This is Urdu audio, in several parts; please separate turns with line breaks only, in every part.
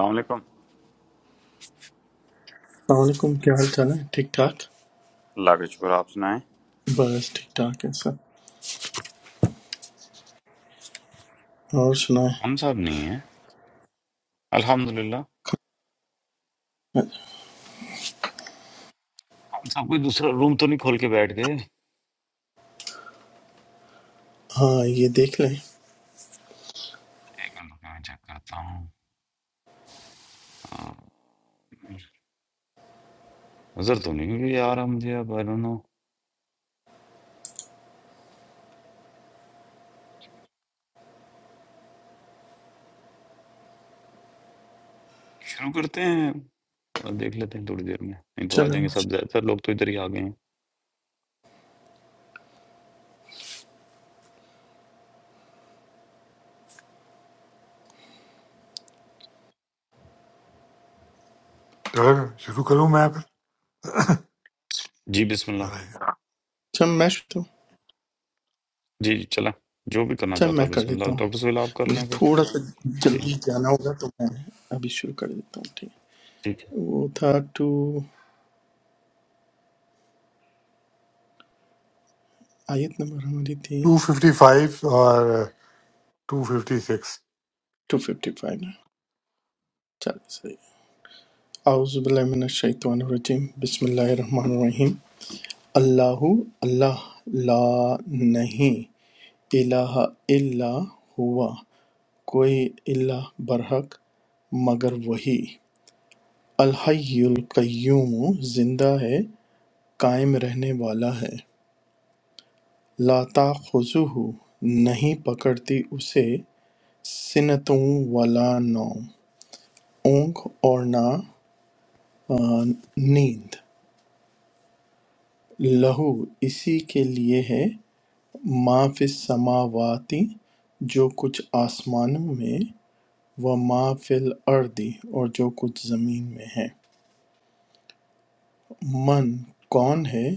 अलैक्म
السلام علیکم کیا حال چال ہے ٹھیک ٹھاک
अल्लाह का शुक्र आप सुनाएं
بس ٹھیک ٹھاک ہے سب اور سنائیں
हम सब नहीं है अल्हम्दुलिल्लाह हम सब कोई दूसरा रूम तो नहीं खोल के बैठ गए
ہاں یہ دیکھ لیں
एक मिनट रुकिए, मैं चेक करता हूँ उधर तो नहीं हुई यार हम जी अब आई डोंट नो शुरू करते हैं और देख लेते हैं थोड़ी देर में नहीं तो आ
چلو
जाएंगे सब ज्यादातर लोग तो इधर ही आ गए हैं
چلو شروع کروں میں
जी बिस्मिल्लाह
پھر
اچھا میں شروع-
जी जी चला जो भी करना
اچھا
चाहता
میں
है
کر
बिस्मिल्लाह
لیتا ہوں
डॉक्टर सुहेल आप कर
مجھے
लें फिर
تھوڑا سا
जी
جلدی جانا ہوگا تو میں ابھی شروع کر دیتا ہوں ٹھیک
जी
ہے۔ وہ تھا ٹو آیت نمبر ہماری تھی
ٹو ففٹی فائیو اور two fifty six
two fifty five نا چلیے صحیح اعوذ باللہ من الشیطان الرجیم بسم اللہ الرحمن الرحیم اللہ اللہ لا نہیں الہ الا ہوا کوئی الہ برحق مگر وہی الحی القیوم زندہ ہے قائم رہنے والا ہے لا تاخذہ نہیں پکڑتی اسے سنتوں ولا نوم اونگ اور نہ آ، نیند لہو اسی کے لیے ہے ما فی السماواتی جو کچھ آسمانوں میں و ما فی الارض اور جو کچھ زمین میں ہے من کون ہے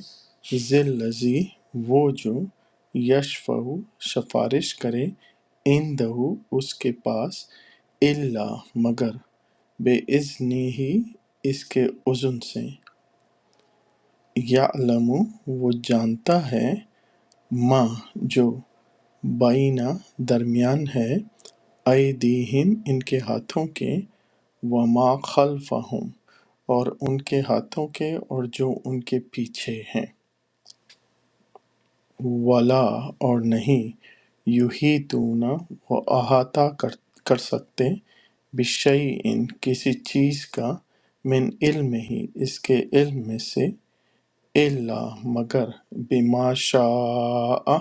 ذی الذی وہ جو یشفع سفارش کرے عندہ اس کے پاس الا مگر بے اذنی ہی اس کے اذن سے یعلم وہ جانتا ہے ما جو بینہ درمیان ہے ایدیہم ان کے ہاتھوں کے وما خلفہم اور ان کے ہاتھوں کے اور جو ان کے پیچھے ہیں ولا اور نہیں یحیطون وہ احاطہ کر کر سکتے بشیء کسی چیز کا من علم ہی اس کے علم میں سے الا مگر بما شاء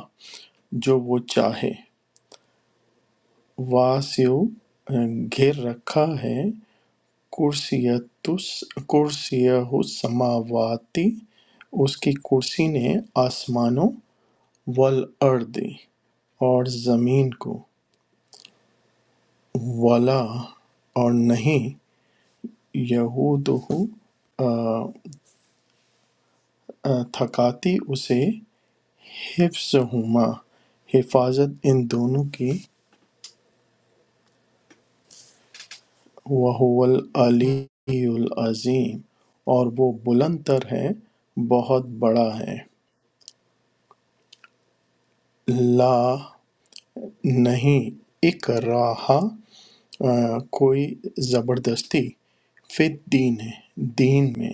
جو وہ چاہے واسع گھیر رکھا ہے کرسیتس کرسیہ السماواتی اس کی کرسی نے آسمانوں والارض اور زمین کو ولا اور نہیں یعودہ تھکاتی اسے حفظہما حفاظت ان دونوں کی وہو العلی العظیم اور وہ بلند تر ہے بہت بڑا ہے لا نہیں اکراہ آ، کوئی زبردستی فی الدین ہے دین میں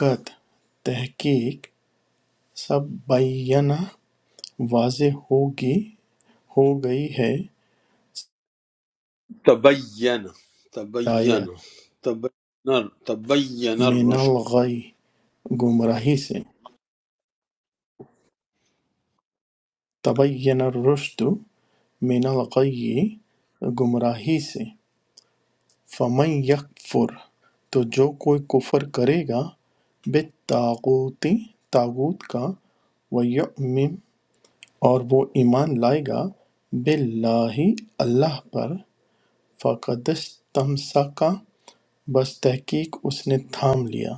قط تحقیق سبعینہ واضح ہوگی ہو گئی ہے ہدایت
تبین تبین تبین تبین
من
الرشد
الغی گمراہی سے تبین الرشد من الغی گمراہی سے فمن یکفر تو جو کوئی کفر کرے گا بالتاغوتی تاغوت کا ویؤمن اور وہ ایمان لائے گا باللہ اللہ پر فقد استمسک بس تحقیق اس نے تھام لیا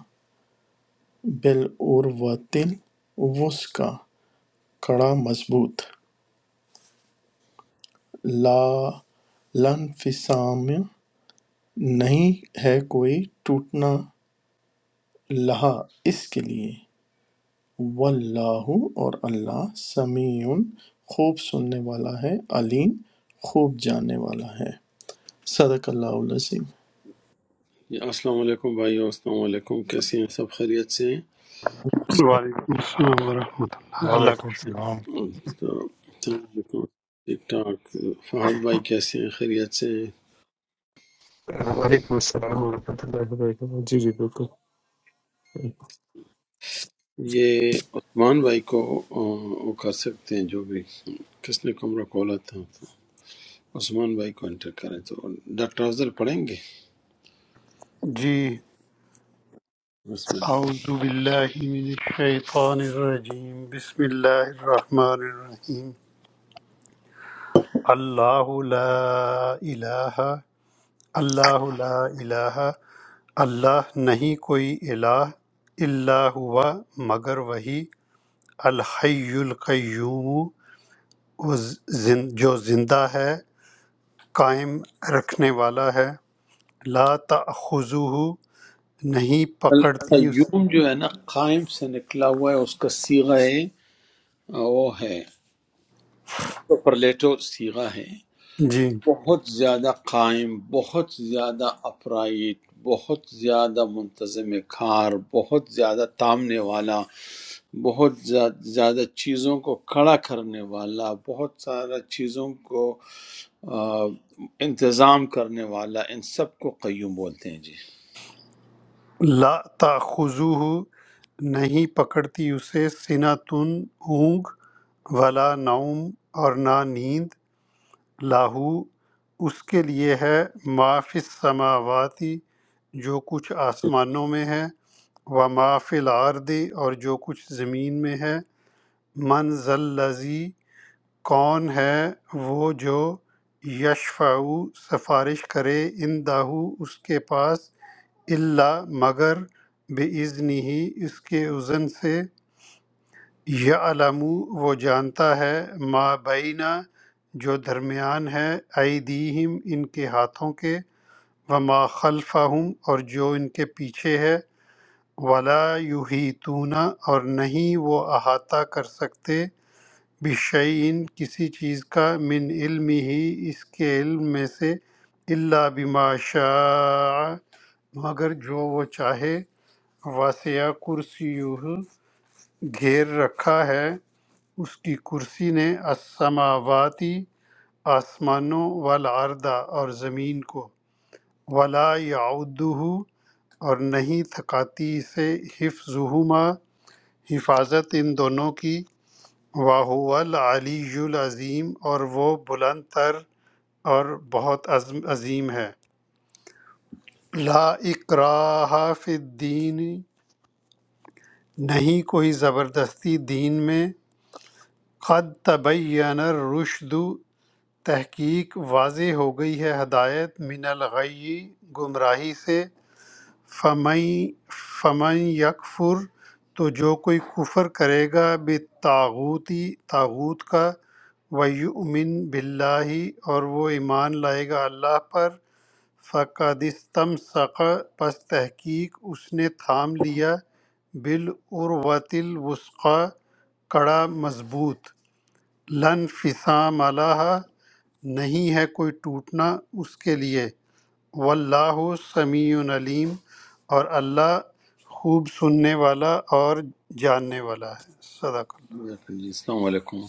بالعروۃ الوثقی کڑا مضبوط لا لانفصام نہیں ہے کوئی ٹوٹنا لہا اس کے لیے واللہ اور اللہ سمیع خوب سننے والا ہے علیم خوب جاننے والا ہے صدق اللہ العظیم
جی، السلام علیکم بھائیو السلام علیکم کیسے ہیں سب خیریت سے ہیں
وعلیکم السلام ورحمۃ اللہ اللہ کا
وعلیکم
شکر
السلام
تو السلام علیکم ٹھیک ٹھاک فہد بھائی کیسے ہیں خیریت سے ہیں
I'm very blessed.
یہ عثمان بھائی کو آ، وہ کر سکتے ہیں جو بھی کس نے کمرہ کھولا تھا تو عثمان بھائی کو انٹر کریں تو ڈاکٹر افضل پڑھیں گے
جی
بسم اللہ
اعوذ باللہ من الشیطان الرجیم بسم اللہ الرحمن الرحیم اللہ لا الہ اللہ لا الہ اللہ نہیں کوئی الہ الا ہوا مگر وہی الحی القیوم وہ زن- جو زندہ ہے قائم رکھنے والا ہے لا تأخذہ نہیں پکڑتی اس
القیوم جو ہے نا قائم سے نکلا ہوا ہے اس کا سیغہ ہے آ، وہ ہے سپرلیٹو سیغہ ہے
جی
بہت زیادہ قائم بہت زیادہ اپرائٹ بہت زیادہ منتظم کار بہت زیادہ تامنے والا بہت زیا- زیادہ چیزوں کو کھڑا کرنے والا بہت سارا چیزوں کو آ، انتظام کرنے والا ان سب کو قیوم بولتے ہیں جی
لا تاخذوہ نہیں پکڑتی اسے سنتن اونگ ولا نوم اور نہ نیند لاہو اس کے لیے ہے ما فی السماواتی جو کچھ آسمانوں میں ہے و ما فی الارض اور جو کچھ زمین میں ہے من ذلذی کون ہے وہ جو یشفع سفارش کرے ان داہو اس کے پاس اللہ مگر بِإِذْنِهِ ہی اس کے اذن سے یعلم وہ جانتا ہے ما بینہ جو درمیان ہے ایدیہم ان کے ہاتھوں کے وما خلفہم اور جو ان کے پیچھے ہے ولا یحیطون اور نہیں وہ احاطہ کر سکتے بشعین کسی چیز کا من علم ہی اس کے علم میں سے اللہ بما شاء مگر جو وہ چاہے واسیہ کرسیہ گھیر رکھا ہے اس کی کرسی نے السماواتی آسمانوں والارض اور زمین کو ولا یعودہ اور نہیں تھکاتی سے حفظہما حفاظت ان دونوں کی واہو العلی العظیم اور وہ بلند تر اور بہت عظم- عظیم ہے لا اکراہ فی الدین نہیں کوئی زبردستی دین میں قد تبین الرشد تحقیق واضح ہو گئی ہے ہدایت من الغی گمراہی سے فمن فمن یکفر تو جو کوئی کفر کرے گا بالطاغوتی طاغوت کا ویؤمن باللہ اور وہ ایمان لائے گا اللہ پر فقد استمسق پس تحقیق اس نے تھام لیا بالعروۃ الوثقی کڑا مضبوط لن فسام علیہ نہیں ہے کوئی ٹوٹنا اس کے لیے واللہ سمیع علیم اور اللہ خوب سننے والا اور جاننے والا ہے صدق اللہ
جزاک اللہ۔ جی، السلام علیکم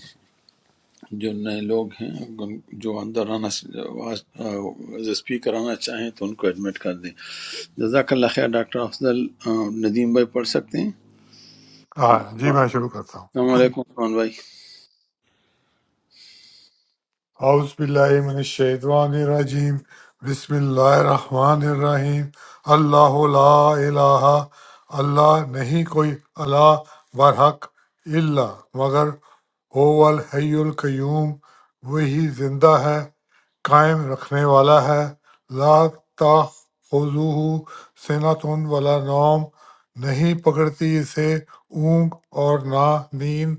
جو نئے لوگ ہیں جو اندر آنا ایز اسپیکر آنا چاہیں تو ان کو ایڈمٹ کر دیں جزاک اللہ خیر ڈاکٹر افضل آ، ندیم بھائی پڑھ سکتے ہیں
ہاں جی
آ،
میں شروع کرتا ہوں
السلام علیکم فرمان بھائی
اعوذ باللہ من الشیطان الرجیم بسم اللہ الرحمن الرحیم اللہ لا الہ اللہ نہیں کوئی اللہ برحق اللہ مگر هو الحی القیوم وہی زندہ ہے قائم رکھنے والا ہے لا تاخذوہ سنتن ولا نوم نہیں پکڑتی اسے اونگ اور نہ نیند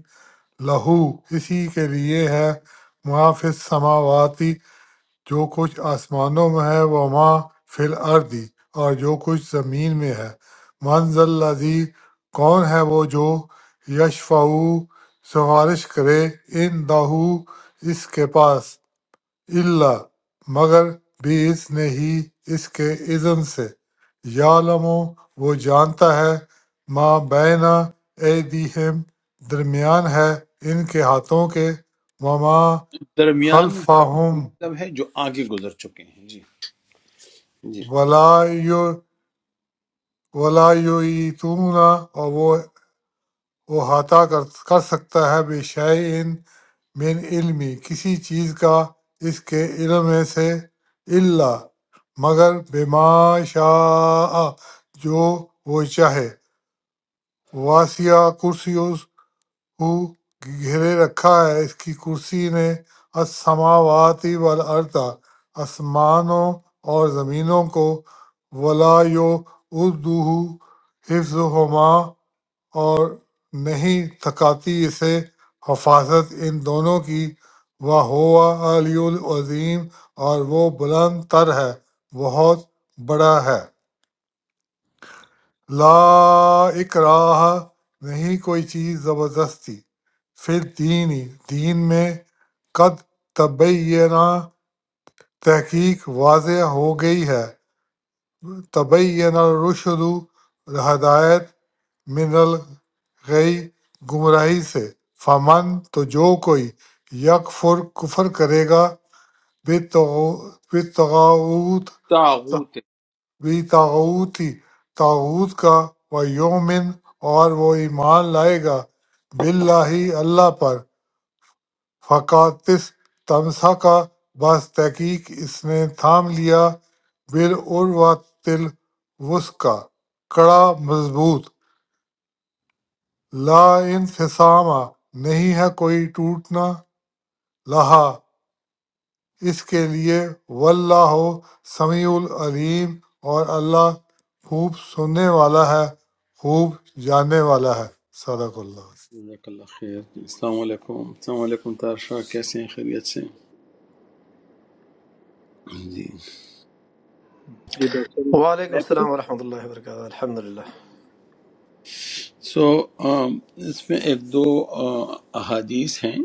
لہو اسی کے لیے ہے ما فی السماواتی جو کچھ آسمانوں میں ہے وہ ماں فی الارضی اور جو کچھ زمین میں ہے منز الذی کون ہے وہ جو یشفعو سفارش کرے ان دہو اس کے پاس اللہ مگر باذن ہی اس کے اذن سے یعلم وہ جانتا ہے ما بینا ایدیہم درمیان ہے ان کے ہاتھوں کے وما
درمیان میں ہاتھوں کا
خلفہم
مطلب ہے جو آگے گزر چکے ہیں جی جی
ولا یو ولا یعیتون اور وہ احاطہ کر کر سکتا ہے بے شعین من علمی کسی چیز کا اس کے علم میں سے اللہ مگر بما شاء جو وہ چاہے واسیہ کرسی اس ہو گھیرے رکھا ہے اس کی کرسی نے السماواتی والارض آسمانوں اور زمینوں کو ولا یو اردو حفظ ہما، اور نہیں تھکاتی اسے حفاظت ان دونوں کی وہ ہوا علی العظیم اور وہ بلند تر ہے بہت بڑا ہے لا اکراہ نہیں کوئی چیز زبردستی پھر دین ہی دین میں قد تبینہ تحقیق واضح ہو گئی ہے تبینہ الرشد ہدایت من الغی گمراہی سے فمن تو جو کوئی یکفر کفر کرے گا بتغاوت
تاغوت ہے۔
بی تاغوتی تاغوت کا و یومن اور وہ ایمان لائے گا باللہ اللہ پر فقاتس تمسا کا بس تحقیق اس نے تھام لیا بالعروۃ الوثقی کڑا مضبوط لا انفصامہ نہیں ہے کوئی ٹوٹنا لہا اس کے لیے واللہ سمیع العلیم اور اللہ خوب سننے والا ہے خوب جاننے والا ہے صدق اللہ
جزاک اللہ خیر جی، السلام علیکم السلام علیکم طاہر شاہ کیسے ہیں خیریت سے ہیں؟ جی
جی ڈاکٹر صاحب
وعلیکم
میں پڑھوں
السلام ورحمۃ اللہ وبرکاتہ الحمد للہ
سو اس میں ایک دو آ، احادیث ہیں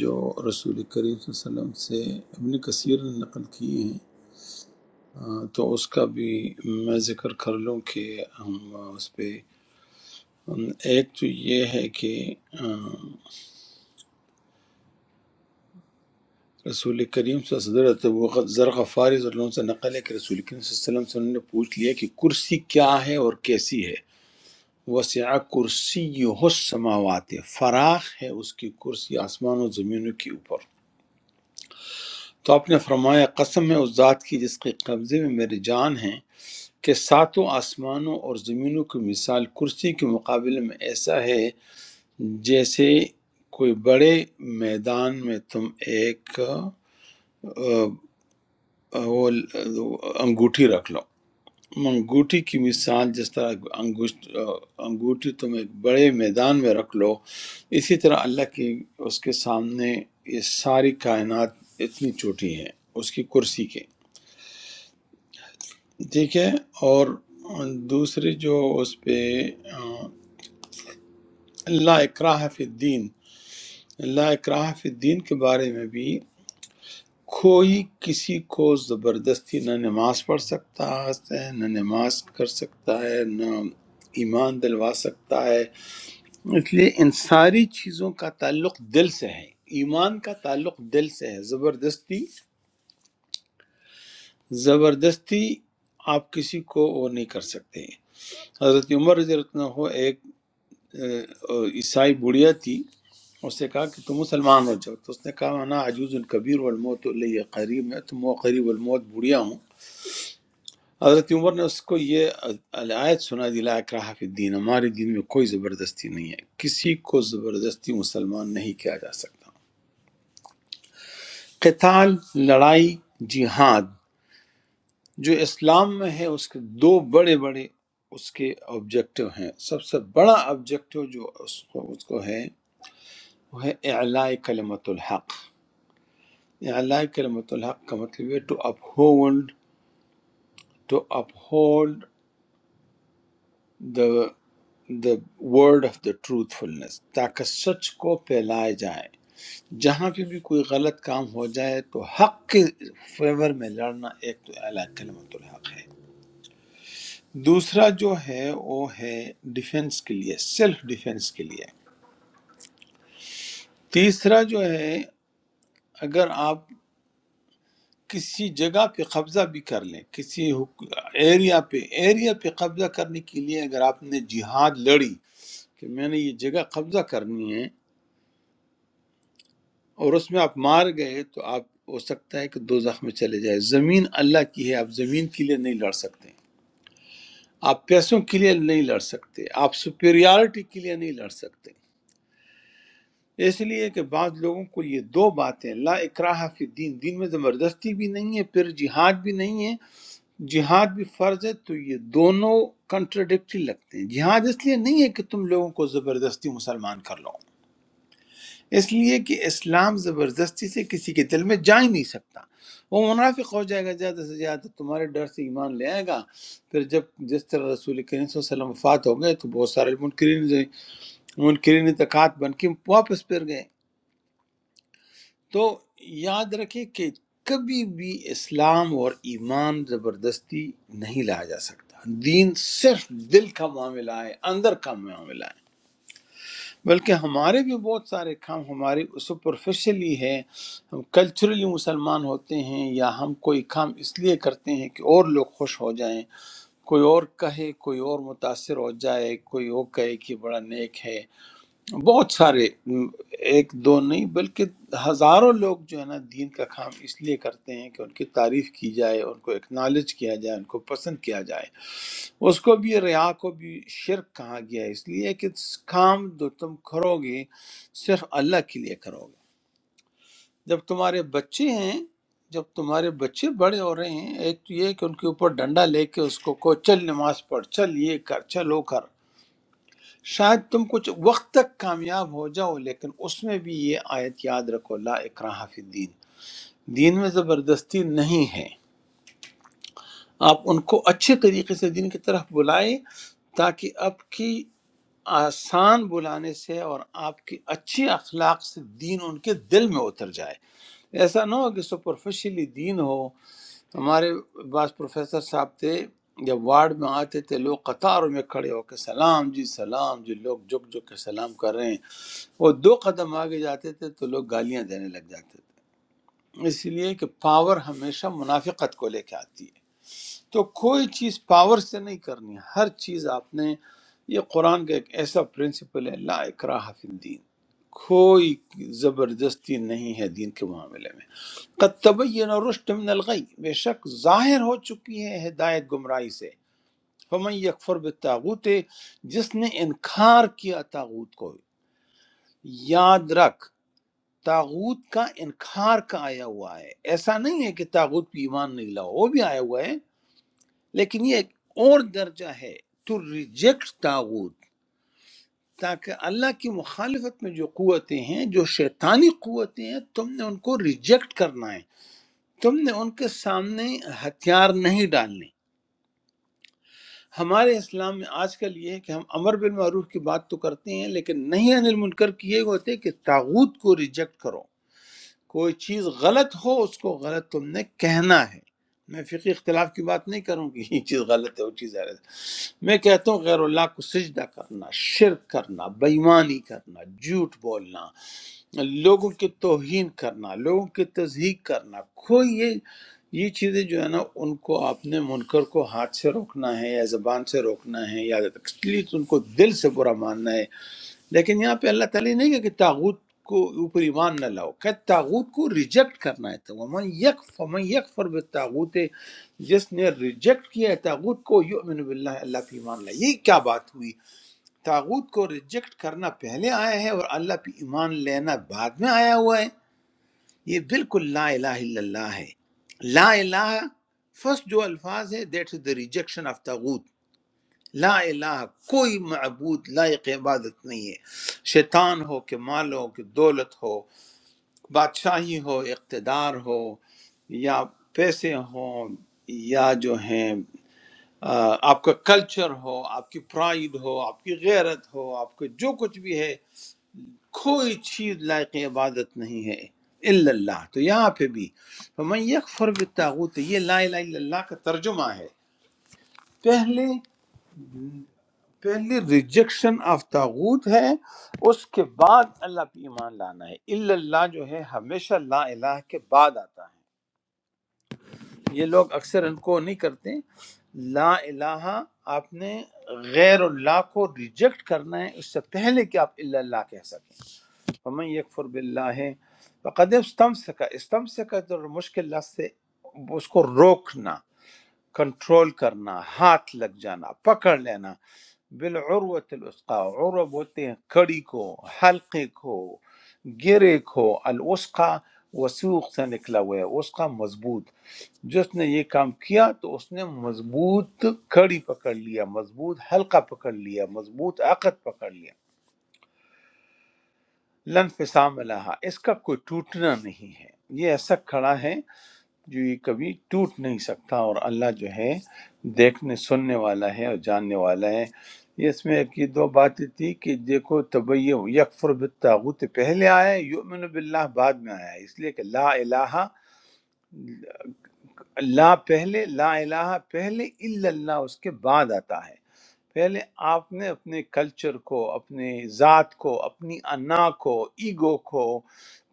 جو رسول کریم صلی اللہ علیہ وسلم سے ابن کثیر نے نقل کیے ہیں آ، تو اس کا بھی میں ذکر کر لوں کہ ہم اس پہ ایک تو یہ ہے کہ آ، رسول کریم صلی اللہ علیہ وسلم وہ ذر غفاری رضی اللہ عنہ سے نقل ہے کہ رسول کریم صلی اللہ علیہ وسلم سے انہوں نے پوچھ لیا کہ کرسی کیا ہے اور کیسی ہے وسع کرسی السماوات فراخ ہے اس کی کرسی آسمان و زمینوں کے اوپر تو آپ نے فرمایا قسم ہے اس ذات کی جس کے قبضے میں میری جان ہے کہ ساتوں آسمانوں اور زمینوں کی مثال کرسی کے مقابلے میں ایسا ہے جیسے کوئی بڑے میدان میں تم ایک آ، وہ ل- انگوٹھی رکھ لو انگوٹھی کی مثال جس طرح انگشت آ، انگوٹھی تم ایک بڑے میدان میں رکھ لو اسی طرح اللہ کی اس کے سامنے یہ ساری کائنات اتنی چھوٹی ہے اس کی کرسی کے ٹھیک ہے اور دوسری جو اس پہ آ، لا اکراہ فی الدین لا اکراہ فی الدین کے بارے میں بھی کوئی کسی کو زبردستی نہ نماز پڑھ سکتا ہے نہ نماز کر سکتا ہے نہ ایمان دلوا سکتا ہے اس لیے ان ساری چیزوں کا تعلق دل سے ہے ایمان کا تعلق دل سے ہے زبردستی زبردستی آپ کسی کو وہ نہیں کر سکتے حضرت عمر رضی اللہ عنہ ایک اہ، عیسائی بڑھیا تھی اس نے کہا کہ تم مسلمان ہو جاؤ تو اس نے کہا انا عجوز کبیر والموت علیہ قریب میں تو قریب الموت بڑھیا ہوں حضرت عمر نے اس کو یہ آیت سنا دی لا اکراہ فی الدین ہمارے دین میں کوئی زبردستی نہیں ہے کسی کو زبردستی مسلمان نہیں کیا جا سکتا قتال لڑائی جہاد جو اسلام میں ہے اس کے دو بڑے بڑے اس کے آبجیکٹو ہیں سب سے بڑا آبجیکٹو جو اس کو, اس کو ہے وہ ہے اعلاء کلمت الحق اعلاء کلمت الحق کا مطلب ہے to uphold to up the the word of the truthfulness تاکہ سچ کو پھیلائے جائے جہاں پہ بھی کوئی غلط کام ہو جائے تو حق کے فیور میں لڑنا ایک تو اعلیٰ کلمت الحق ہے دوسرا جو ہے وہ ہے ڈیفنس کے لیے سیلف ڈیفنس کے لیے تیسرا جو ہے اگر آپ کسی جگہ پہ قبضہ بھی کر لیں کسی حک- ایریا پہ ایریا پہ قبضہ کرنے کے لیے اگر آپ نے جہاد لڑی کہ میں نے یہ جگہ قبضہ کرنی ہے اور اس میں آپ مار گئے تو آپ ہو سکتا ہے کہ دو میں چلے جائے زمین اللہ کی ہے آپ زمین کے لیے نہیں لڑ سکتے آپ پیسوں کے لیے نہیں لڑ سکتے آپ سپیریارٹی کے لیے نہیں لڑ سکتے اس لیے کہ بعض لوگوں کو یہ دو باتیں لا اکراہ فی دین دین میں زبردستی بھی نہیں ہے پھر جہاد بھی نہیں ہے جہاد بھی فرض ہے تو یہ دونوں کنٹرڈکٹری لگتے ہیں جہاد اس لیے نہیں ہے کہ تم لوگوں کو زبردستی مسلمان کر لو اس لیے کہ اسلام زبردستی سے کسی کے دل میں جا ہی نہیں سکتا وہ منافق ہو جائے گا زیادہ سے زیادہ تمہارے ڈر سے ایمان لے آئے گا پھر جب جس طرح رسول کریم صلی اللہ علیہ وسلم وفات ہو گئے تو بہت سارے منکرین جو- منکرین تکات بن کے واپس پھر گئے تو یاد رکھیں کہ کبھی بھی اسلام اور ایمان زبردستی نہیں لایا جا سکتا دین صرف دل کا معاملہ ہے اندر کا معاملہ ہے بلکہ ہمارے بھی بہت سارے کام ہمارے سپرفیشلی ہے ہم کلچرلی مسلمان ہوتے ہیں یا ہم کوئی کام اس لیے کرتے ہیں کہ اور لوگ خوش ہو جائیں کوئی اور کہے کوئی اور متاثر ہو جائے کوئی اور کہے کہ بڑا نیک ہے بہت سارے م، ایک دو نہیں بلکہ ہزاروں لوگ جو ہے نا دین کا کام اس لیے کرتے ہیں کہ ان کی تعریف کی جائے ان کو اکنالج کیا جائے ان کو پسند کیا جائے اس کو بھی ریا کو بھی شرک کہا گیا ہے اس لیے کہ اس کام جو تم کرو گے صرف اللہ کے لیے کرو گے جب تمہارے بچے ہیں جب تمہارے بچے بڑے ہو رہے ہیں ایک تو یہ کہ ان کے اوپر ڈنڈا لے کے اس کو کو چل نماز پڑھ چل یہ کر چل وہ کر شاید تم کچھ وقت تک کامیاب ہو جاؤ لیکن اس میں بھی یہ آیت یاد رکھو لا اکراہ فی الدین دین میں زبردستی نہیں ہے آپ ان کو اچھے طریقے سے دین کی طرف بلائیں تاکہ آپ کی آسان بلانے سے اور آپ کی اچھی اخلاق سے دین ان کے دل میں اتر جائے ایسا نہ ہو کہ سپرفیشلی دین ہو ہمارے بعض پروفیسر صاحب تھے جب وارڈ میں آتے تھے لوگ قطاروں میں کھڑے ہو کے سلام جی سلام جی لوگ جھک جھک کے سلام کر رہے ہیں وہ دو قدم آگے جاتے تھے تو لوگ گالیاں دینے لگ جاتے تھے اس لیے کہ پاور ہمیشہ منافقت کو لے کے آتی ہے تو کوئی چیز پاور سے نہیں کرنی ہر چیز آپ نے یہ قرآن کا ایک ایسا پرنسپل ہے لا اکراہ فی الدین کوئی زبردستی نہیں ہے دین کے معاملے میں قد تبین الرشد من الغی بے شک ظاہر ہو چکی ہے ہدایت گمراہی سے فمن یکفر بالتاغوت جس نے انکار کیا تاغوت کو یاد رکھ تاغوت کا انکار کا آیا ہوا ہے ایسا نہیں ہے کہ تاغوت پہ ایمان نہیں لاؤ وہ بھی آیا ہوا ہے لیکن یہ ایک اور درجہ ہے ٹو ریجیکٹ تاغوت تاکہ اللہ کی مخالفت میں جو قوتیں ہیں جو شیطانی قوتیں ہیں تم نے ان کو ریجیکٹ کرنا ہے تم نے ان کے سامنے ہتھیار نہیں ڈالنے ہمارے اسلام میں آج کل یہ ہے کہ ہم امر بالمعروف کی بات تو کرتے ہیں لیکن نہیں انل منکر کیے ہوتے کہ تاغوت کو ریجیکٹ کرو کوئی چیز غلط ہو اس کو غلط تم نے کہنا ہے میں فقی اختلاف کی بات نہیں کروں کہ یہ چیز غلط ہے وہ چیز غلط ہے میں کہتا ہوں غیر اللہ کو سجدہ کرنا شرک کرنا بےمانی کرنا جھوٹ بولنا لوگوں کی توہین کرنا لوگوں کی تضحیق کرنا کوئی یہ یہ چیزیں جو ہے نا ان کو آپ نے منکر کو ہاتھ سے روکنا ہے یا زبان سے روکنا ہے یا ایٹ لیسٹ ان کو دل سے برا ماننا ہے لیکن یہاں پہ اللہ تعالیٰ نے کہا کہ تاغوت کو اوپر ایمان نہ لاؤ کہ تاغوت کو ریجیکٹ کرنا ہے تو ومن یک فمن یک فر تاغوت جس نے ریجیکٹ کیا ہے تاغوت کو یؤمن باللہ اللہ پہ ایمان لایا یہ کیا بات ہوئی تاغوت کو ریجیکٹ کرنا پہلے آیا ہے اور اللہ پہ ایمان لینا بعد میں آیا ہوا ہے یہ بالکل لا الہ الا اللہ ہے لا الہ فرسٹ جو الفاظ ہے that is the rejection of تاغوت لا الہ کوئی معبود لائق عبادت نہیں ہے شیطان ہو کہ مال ہو کہ دولت ہو بادشاہی ہو اقتدار ہو یا پیسے ہوں یا جو ہیں آ، آپ کا کلچر ہو آپ کی پرائیڈ ہو آپ کی غیرت ہو آپ کا جو کچھ بھی ہے کوئی چیز لائق عبادت نہیں ہے الا اللہ تو یہاں پہ بھی فمن یکفر بالتاغوت یہ لا الہ الا اللہ کا ترجمہ ہے پہلے پہلے ریجیکشن آف تاغوت ہے اس کے بعد اللہ پہ ایمان لانا ہے الا اللہ جو ہے ہمیشہ لا الہ کے بعد آتا ہے یہ لوگ اکثر ان کو نہیں کرتے لا الہ آپ نے غیر اللہ کو ریجیکٹ کرنا ہے اس سے پہلے کہ آپ الا اللہ کہہ سکیں فمن یکفر باللہ فقد استمسک استمسک جو مشکل لفظ سے اس کو روکنا کنٹرول کرنا ہاتھ لگ جانا پکڑ لینا بالعروت الوثقا عروہ بولتے ہیں کڑی کو حلقے کو گرے کو الوثقا وسوق سے نکلا ہوا ہے وثقا مضبوط جس نے یہ کام کیا تو اس نے مضبوط کڑی پکڑ لیا مضبوط حلقہ پکڑ لیا مضبوط عقد پکڑ لیا لن فسام لہا اس کا کوئی ٹوٹنا نہیں ہے یہ ایسا کھڑا ہے جو یہ کبھی ٹوٹ نہیں سکتا اور اللہ جو ہے دیکھنے سننے والا ہے اور جاننے والا ہے یہ اس میں ایک یہ دو باتیں تھی کہ دیکھو طبی یکفر بالتاغوت پہلے آیا ہے، یؤمن باللہ بعد میں آیا ہے اس لیے کہ لا الہ لا پہلے لا الہ پہلے الا اللہ اس کے بعد آتا ہے پہلے آپ نے اپنے کلچر کو اپنے ذات کو اپنی انا کو ایگو کو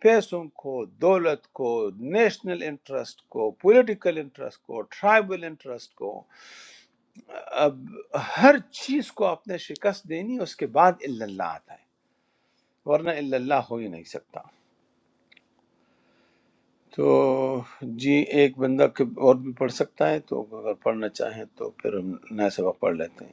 پیسوں کو دولت کو نیشنل انٹرسٹ کو پولیٹیکل انٹرسٹ کو ٹرائبل انٹرسٹ کو اب ہر چیز کو آپ نے شکست دینی اس کے بعد الا اللہ آتا ہے ورنہ الا اللہ ہو ہی نہیں سکتا تو جی ایک بندہ کہ- اور بھی پڑھ سکتا ہے تو اگر پڑھنا چاہیں تو پھر ہم نیا سبق پڑھ لیتے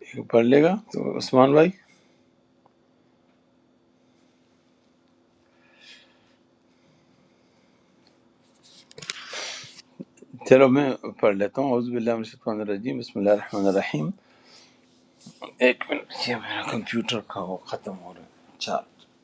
ہیں پڑھ لے گا تو عثمان بھائی چلو میں پڑھ لیتا ہوں اعوذ باللہ من الشیطان الرجیم بسم اللہ الرحمن الرحیم ایک منٹ یہ میرا کمپیوٹر کا وہ ختم ہو رہا ہے چار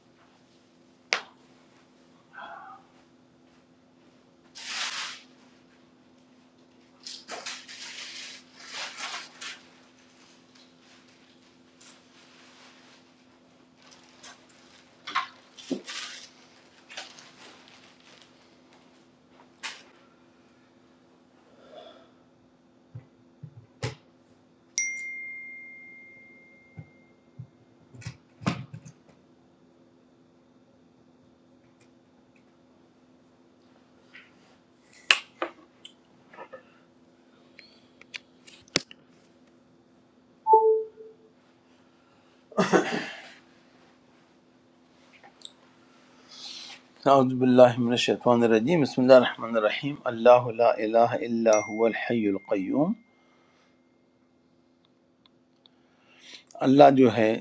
اعوذ باللہ من الشیطان الرجیم بسم اللہ الرحمن الرحیم اللہ لا الہ الا هو الحی القیوم اللہ جو ہے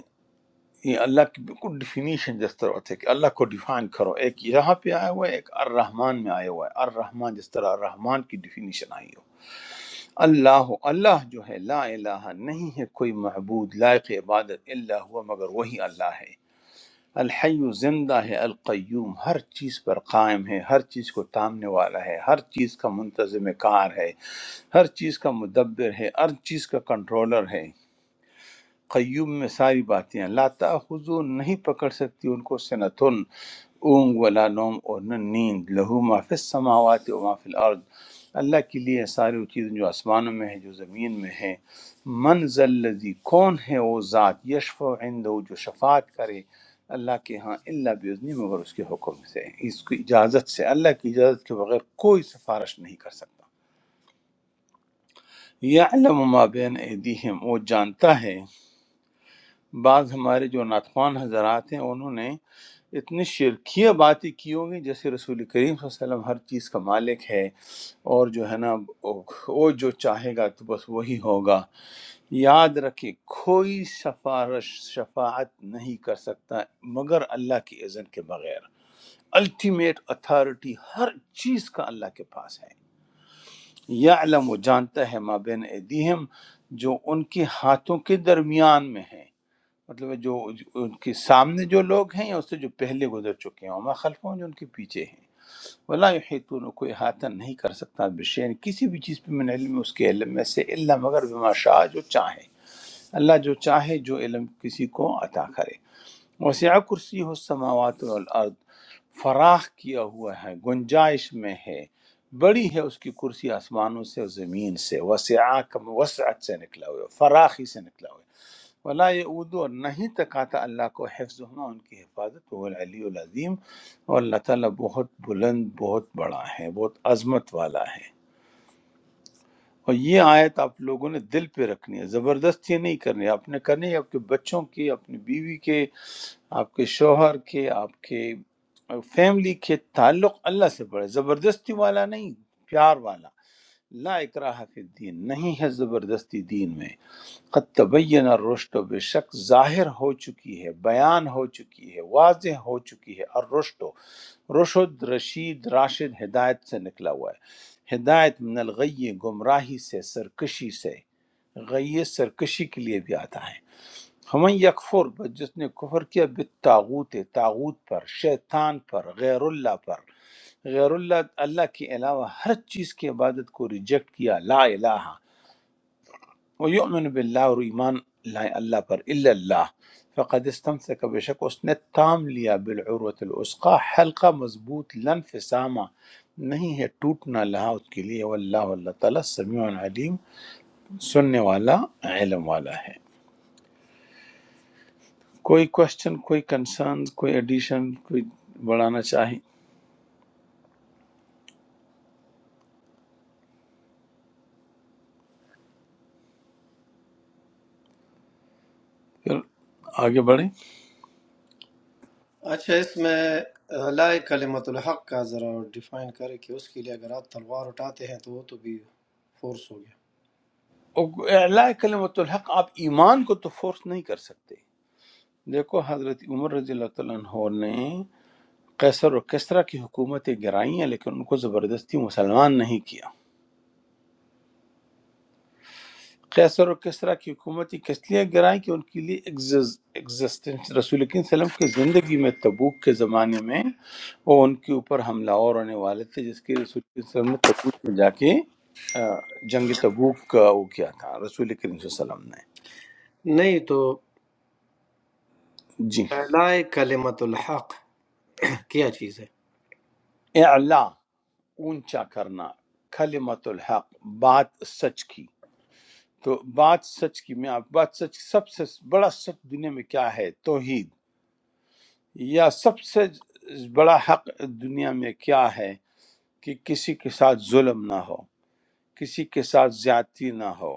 یہ اللہ کی بالکل ڈیفینیشن جس طرح ہوتی ہے کہ اللہ کو ڈیفائن کرو ایک یہاں پہ آیا ہوا ہے ایک الرحمن میں آیا ہوا ہے الرحمن جس طرح الرحمن کی ڈیفینیشن آئی ہو اللہ اللہ جو ہے لا الہ نہیں ہے کوئی معبود لائق عبادت الا ہوا مگر وہی اللہ ہے الحی زندہ ہے القیوم ہر چیز پر قائم ہے ہر چیز کو تامنے والا ہے ہر چیز کا منتظم کار ہے ہر چیز کا مدبر ہے ہر چیز کا کنٹرولر ہے قیوم میں ساری باتیں ہیں لا تأخذو نہیں پکڑ سکتی ان کو سنتن اونگ ولا نوم اور نہ نیند لہو ما فی السماوات و ما فی الارض اللہ کے لیے ہے ساری وہ چیزیں جو آسمانوں میں ہیں جو زمین میں ہیں من ذی کون ہے وہ ذات یشفع عندہ جو شفاعت کرے اللہ کے ہاں اللہ بیزنی مگر اس کے حکم سے اس کی اجازت سے اللہ کی اجازت کے بغیر کوئی سفارش نہیں کر سکتا یعلم ما بین ایدیہم وہ جانتا ہے بعض ہمارے جو ناتخوان حضرات ہیں انہوں نے اتنی شرکیہ باتیں کی ہوں گی جیسے رسول کریم صلی اللہ علیہ وسلم ہر چیز کا مالک ہے اور جو ہے نا وہ وہ جو چاہے گا تو بس وہی ہوگا یاد رکھے کوئی سفارش شفاعت نہیں کر سکتا مگر اللہ کی اذن کے بغیر الٹیمیٹ اتھارٹی ہر چیز کا اللہ کے پاس ہے یا علم وہ جانتا ہے ما بین ایدیہم جو ان کے ہاتھوں کے درمیان میں ہے مطلب ہے جو جو- ان کے سامنے جو لوگ ہیں یا اس سے جو پہلے گزر چکے ہیں وما خلفوں جو ان کے پیچھے ہیں ولا یحیطون کوئی احاطہ نہیں کر سکتا بشین کسی بھی چیز پہ من علم اس کے علم میں سے الا مگر بما شاء جو چاہے اللہ جو چاہے جو علم کسی کو عطا کرے وسیع کرسی ہو سماوات والارض فراخ کیا ہوا ہے گنجائش میں ہے بڑی ہے اس کی کرسی آسمانوں سے اور زمین سے وسیع کا وسعت سے نکلا ہوا ہے فراخی سے نکلا ہوا ہے ولا یعود اور نہیں تکاتا اللہ کو حفظ ہونا ان کی حفاظت وہ العلی العظیم اور اللہ تعالیٰ بہت بلند بہت بڑا ہے بہت عظمت والا ہے اور یہ آیت آپ لوگوں نے دل پہ رکھنی ہے زبردستی نہیں کرنی آپ نے کرنی ہے آپ کے بچوں کی اپنی بیوی کے آپ کے شوہر کے آپ کے فیملی کے تعلق اللہ سے بڑھے زبردستی والا نہیں پیار والا لا اکراہ فی الدین نہیں ہے زبردستی دین میں قد تبین الرشد و بے شک ظاہر ہو چکی ہے بیان ہو چکی ہے واضح ہو چکی ہے الرشد و رشد رشید راشد ہدایت سے نکلا ہوا ہے ہدایت من الغی گمراہی سے سرکشی سے غی سرکشی کے لیے بھی آتا ہے ہمیں یکفر بس جس نے کفر کیا بالتاغوت تاغوت پر شیطان پر غیر اللہ پر غیر اللہ اللہ کے علاوہ ہر چیز کی عبادت کو ریجیکٹ کیا لا الہ وہ یؤمن باللہ اور ایمان لائے اللہ پر الا اللہ فقد استمسک بے شک اس نے تام لیا بالعروت العسقا حلقہ مضبوط لن فسامہ نہیں ہے ٹوٹنا لہا اس کے لیے واللہ اللہ تعالیٰ سمیع علیم سننے والا علم والا ہے کوئی کوشچن کوئی کنسرن کوئی ایڈیشن کوئی بڑھانا چاہیں پھر آگے بڑھیں
اچھا اس میں اللہ کلمت الحق کا ذرا ڈیفائن کرے کہ اس کے لیے اگر آپ تلوار اٹھاتے ہیں تو وہ تو بھی فورس ہو گیا
اعلاء کلمت الحق آپ ایمان کو تو فورس نہیں کر سکتے دیکھو حضرت عمر رضی اللہ تعالیٰ عنہ نے قیصر و کسرا کی حکومتیں گرائی ہیں لیکن ان کو زبردستی مسلمان نہیں کیا قیصر و کسرا کی حکومتیں کس لیے گرائیں کہ ان کے لیے ایگزسٹنس رسول کریم صلی اللہ علیہ وسلم کی زندگی میں تبوک کے زمانے میں وہ ان کے اوپر حملہ اور ہونے والے تھے جس کی رسول کریم صلی اللہ علیہ وسلم نے تبوک میں جا کے آ، جنگ تبوک کا وہ کیا تھا رسول کریم صلی اللہ علیہ وسلم نے
نہیں تو
جی
اللہ کلمت الحق کیا چیز ہے
اعلا اونچا کرنا کلمت الحق بات سچ کی تو بات سچ کی میں آپ بات سچ سب سے بڑا سچ دنیا میں کیا ہے توحید یا سب سے بڑا حق دنیا میں کیا ہے کہ کسی کے ساتھ ظلم نہ ہو کسی کے ساتھ زیادتی نہ ہو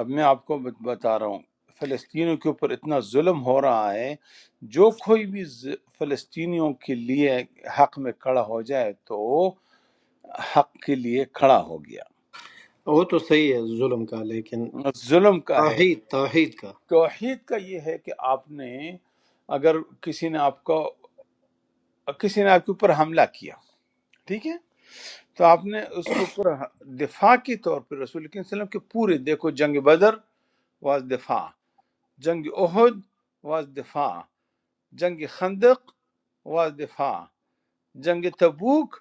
اب میں آپ کو بت- بتا رہا ہوں فلسطینیوں کے اوپر اتنا ظلم ہو رہا ہے جو کوئی بھی ز- فلسطینیوں کے لیے حق میں کھڑا ہو جائے تو حق کے لیے کھڑا ہو
وہ تو صحیح ہے ظلم کا لیکن
گیا ظلم کا ہے
توحید توحید کا
توحید کا یہ ہے کہ آپ نے اگر کسی نے آپ کو کسی نے آپ کے اوپر حملہ کیا ٹھیک ہے تو آپ نے اس کے اوپر دفاع کے طور پر رسول کریم صلی اللہ علیہ وسلم کے پورے دیکھو جنگ بدر واز دفاع جنگ احد واز دفاع جنگ خندق واز دفاع جنگ تبوک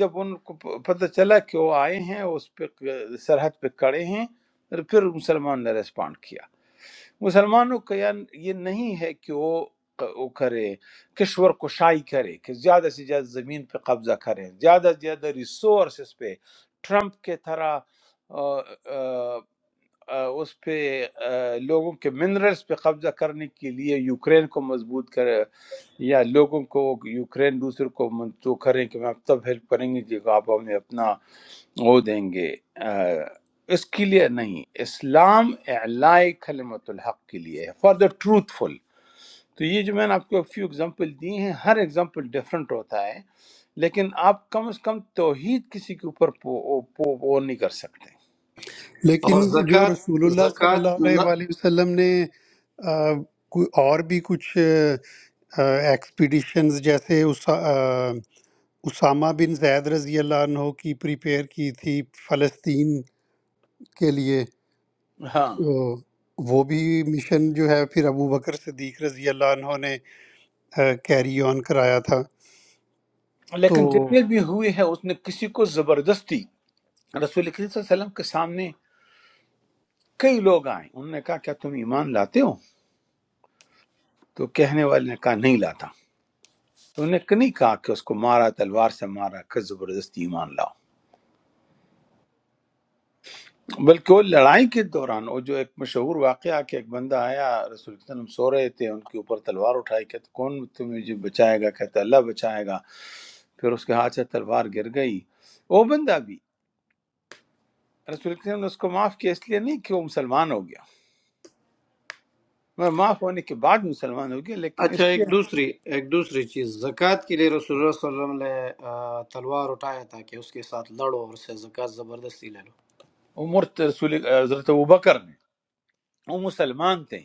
جب ان کو پتہ چلا کہ وہ آئے ہیں اس پہ سرحد پہ کڑے ہیں پھر مسلمان نے ریسپانڈ کیا مسلمانوں کا یہ یہ نہیں ہے کہ وہ وہ کرے کشور کشائی کرے کہ زیادہ سے زیادہ زمین پہ قبضہ کریں زیادہ سے زیادہ ریسورسز پہ ٹرمپ کے طرح آ، آ، آ، اس پہ آ، لوگوں کے منرلز پہ قبضہ کرنے کے لیے یوکرین کو مضبوط کرے یا لوگوں کو یوکرین دوسرے کو منتو کریں کہ ہم تب ہیلپ کریں گے جب آپ ہمیں اپنا وہ دیں گے اس کے لیے نہیں اسلام اعلائی کلمت الحق کے لیے ہے فار دا ٹروتھ فل تو یہ جو میں نے آپ کو فیو اگزامپل دی ہیں ہر اگزامپل ڈفرینٹ ہوتا ہے لیکن آپ کم از کم توحید کسی کے اوپر پو, پو, پو نہیں کر سکتے
اور
لیکن جو
زکوٰۃ
رسول اللہ صلی
زکوٰۃ
اللہ علیہ
نہ
وآلہ وسلم نے آ، کوئی اور بھی کچھ ایکسپیڈیشنز جیسے اسا- آ، اسامہ بن زید رضی اللہ عنہ کی پریپئر کی تھی فلسطین کے لیے تو
ہاں
وہ بھی مشن جو ہے پھر ابو بکر صدیق رضی اللہ عنہ نے کیری آن کرایا تھا تو
لیکن جتنے بھی ہوئے ہیں اس نے کسی کو زبردستی رسول کریم صلی اللہ علیہ وسلم کے سامنے کئی لوگ آئے انہوں نے کہا کیا تم ایمان لاتے ہو تو کہنے والے نے کہا نہیں لاتا تو انہوں نے نہیں کہا کہ اس کو مارا تلوار سے مارا کہ زبردستی ایمان لاؤ بلکہ وہ لڑائی کے دوران وہ جو ایک مشہور واقعہ کہ ایک بندہ آیا رسول اللہ علیہ وسلم سو رہے تھے ان کے اوپر تلوار اٹھائی کہتے کون تمہیں جی بچائے گا کہتے اللہ بچائے گا پھر اس کے ہاتھ سے تلوار گر گئی وہ بندہ بھی رسول اللہ علیہ وسلم نے اس کو معاف کیا اس لیے نہیں کہ وہ مسلمان ہو گیا میں معاف ہونے کے بعد مسلمان ہو گیا لیکن
اچھا
اس
ایک
لیے
دوسری ایک دوسری چیز زکوٰۃ کے لیے رسول اللہ صلی اللہ علیہ وسلم نے آ، تلوار اٹھایا تھا کہ اس کے ساتھ لڑو اور اس سے زکوٰۃ زبردستی لے لو
عمر رسول حضرت ابو بکر نے وہ مسلمان تھے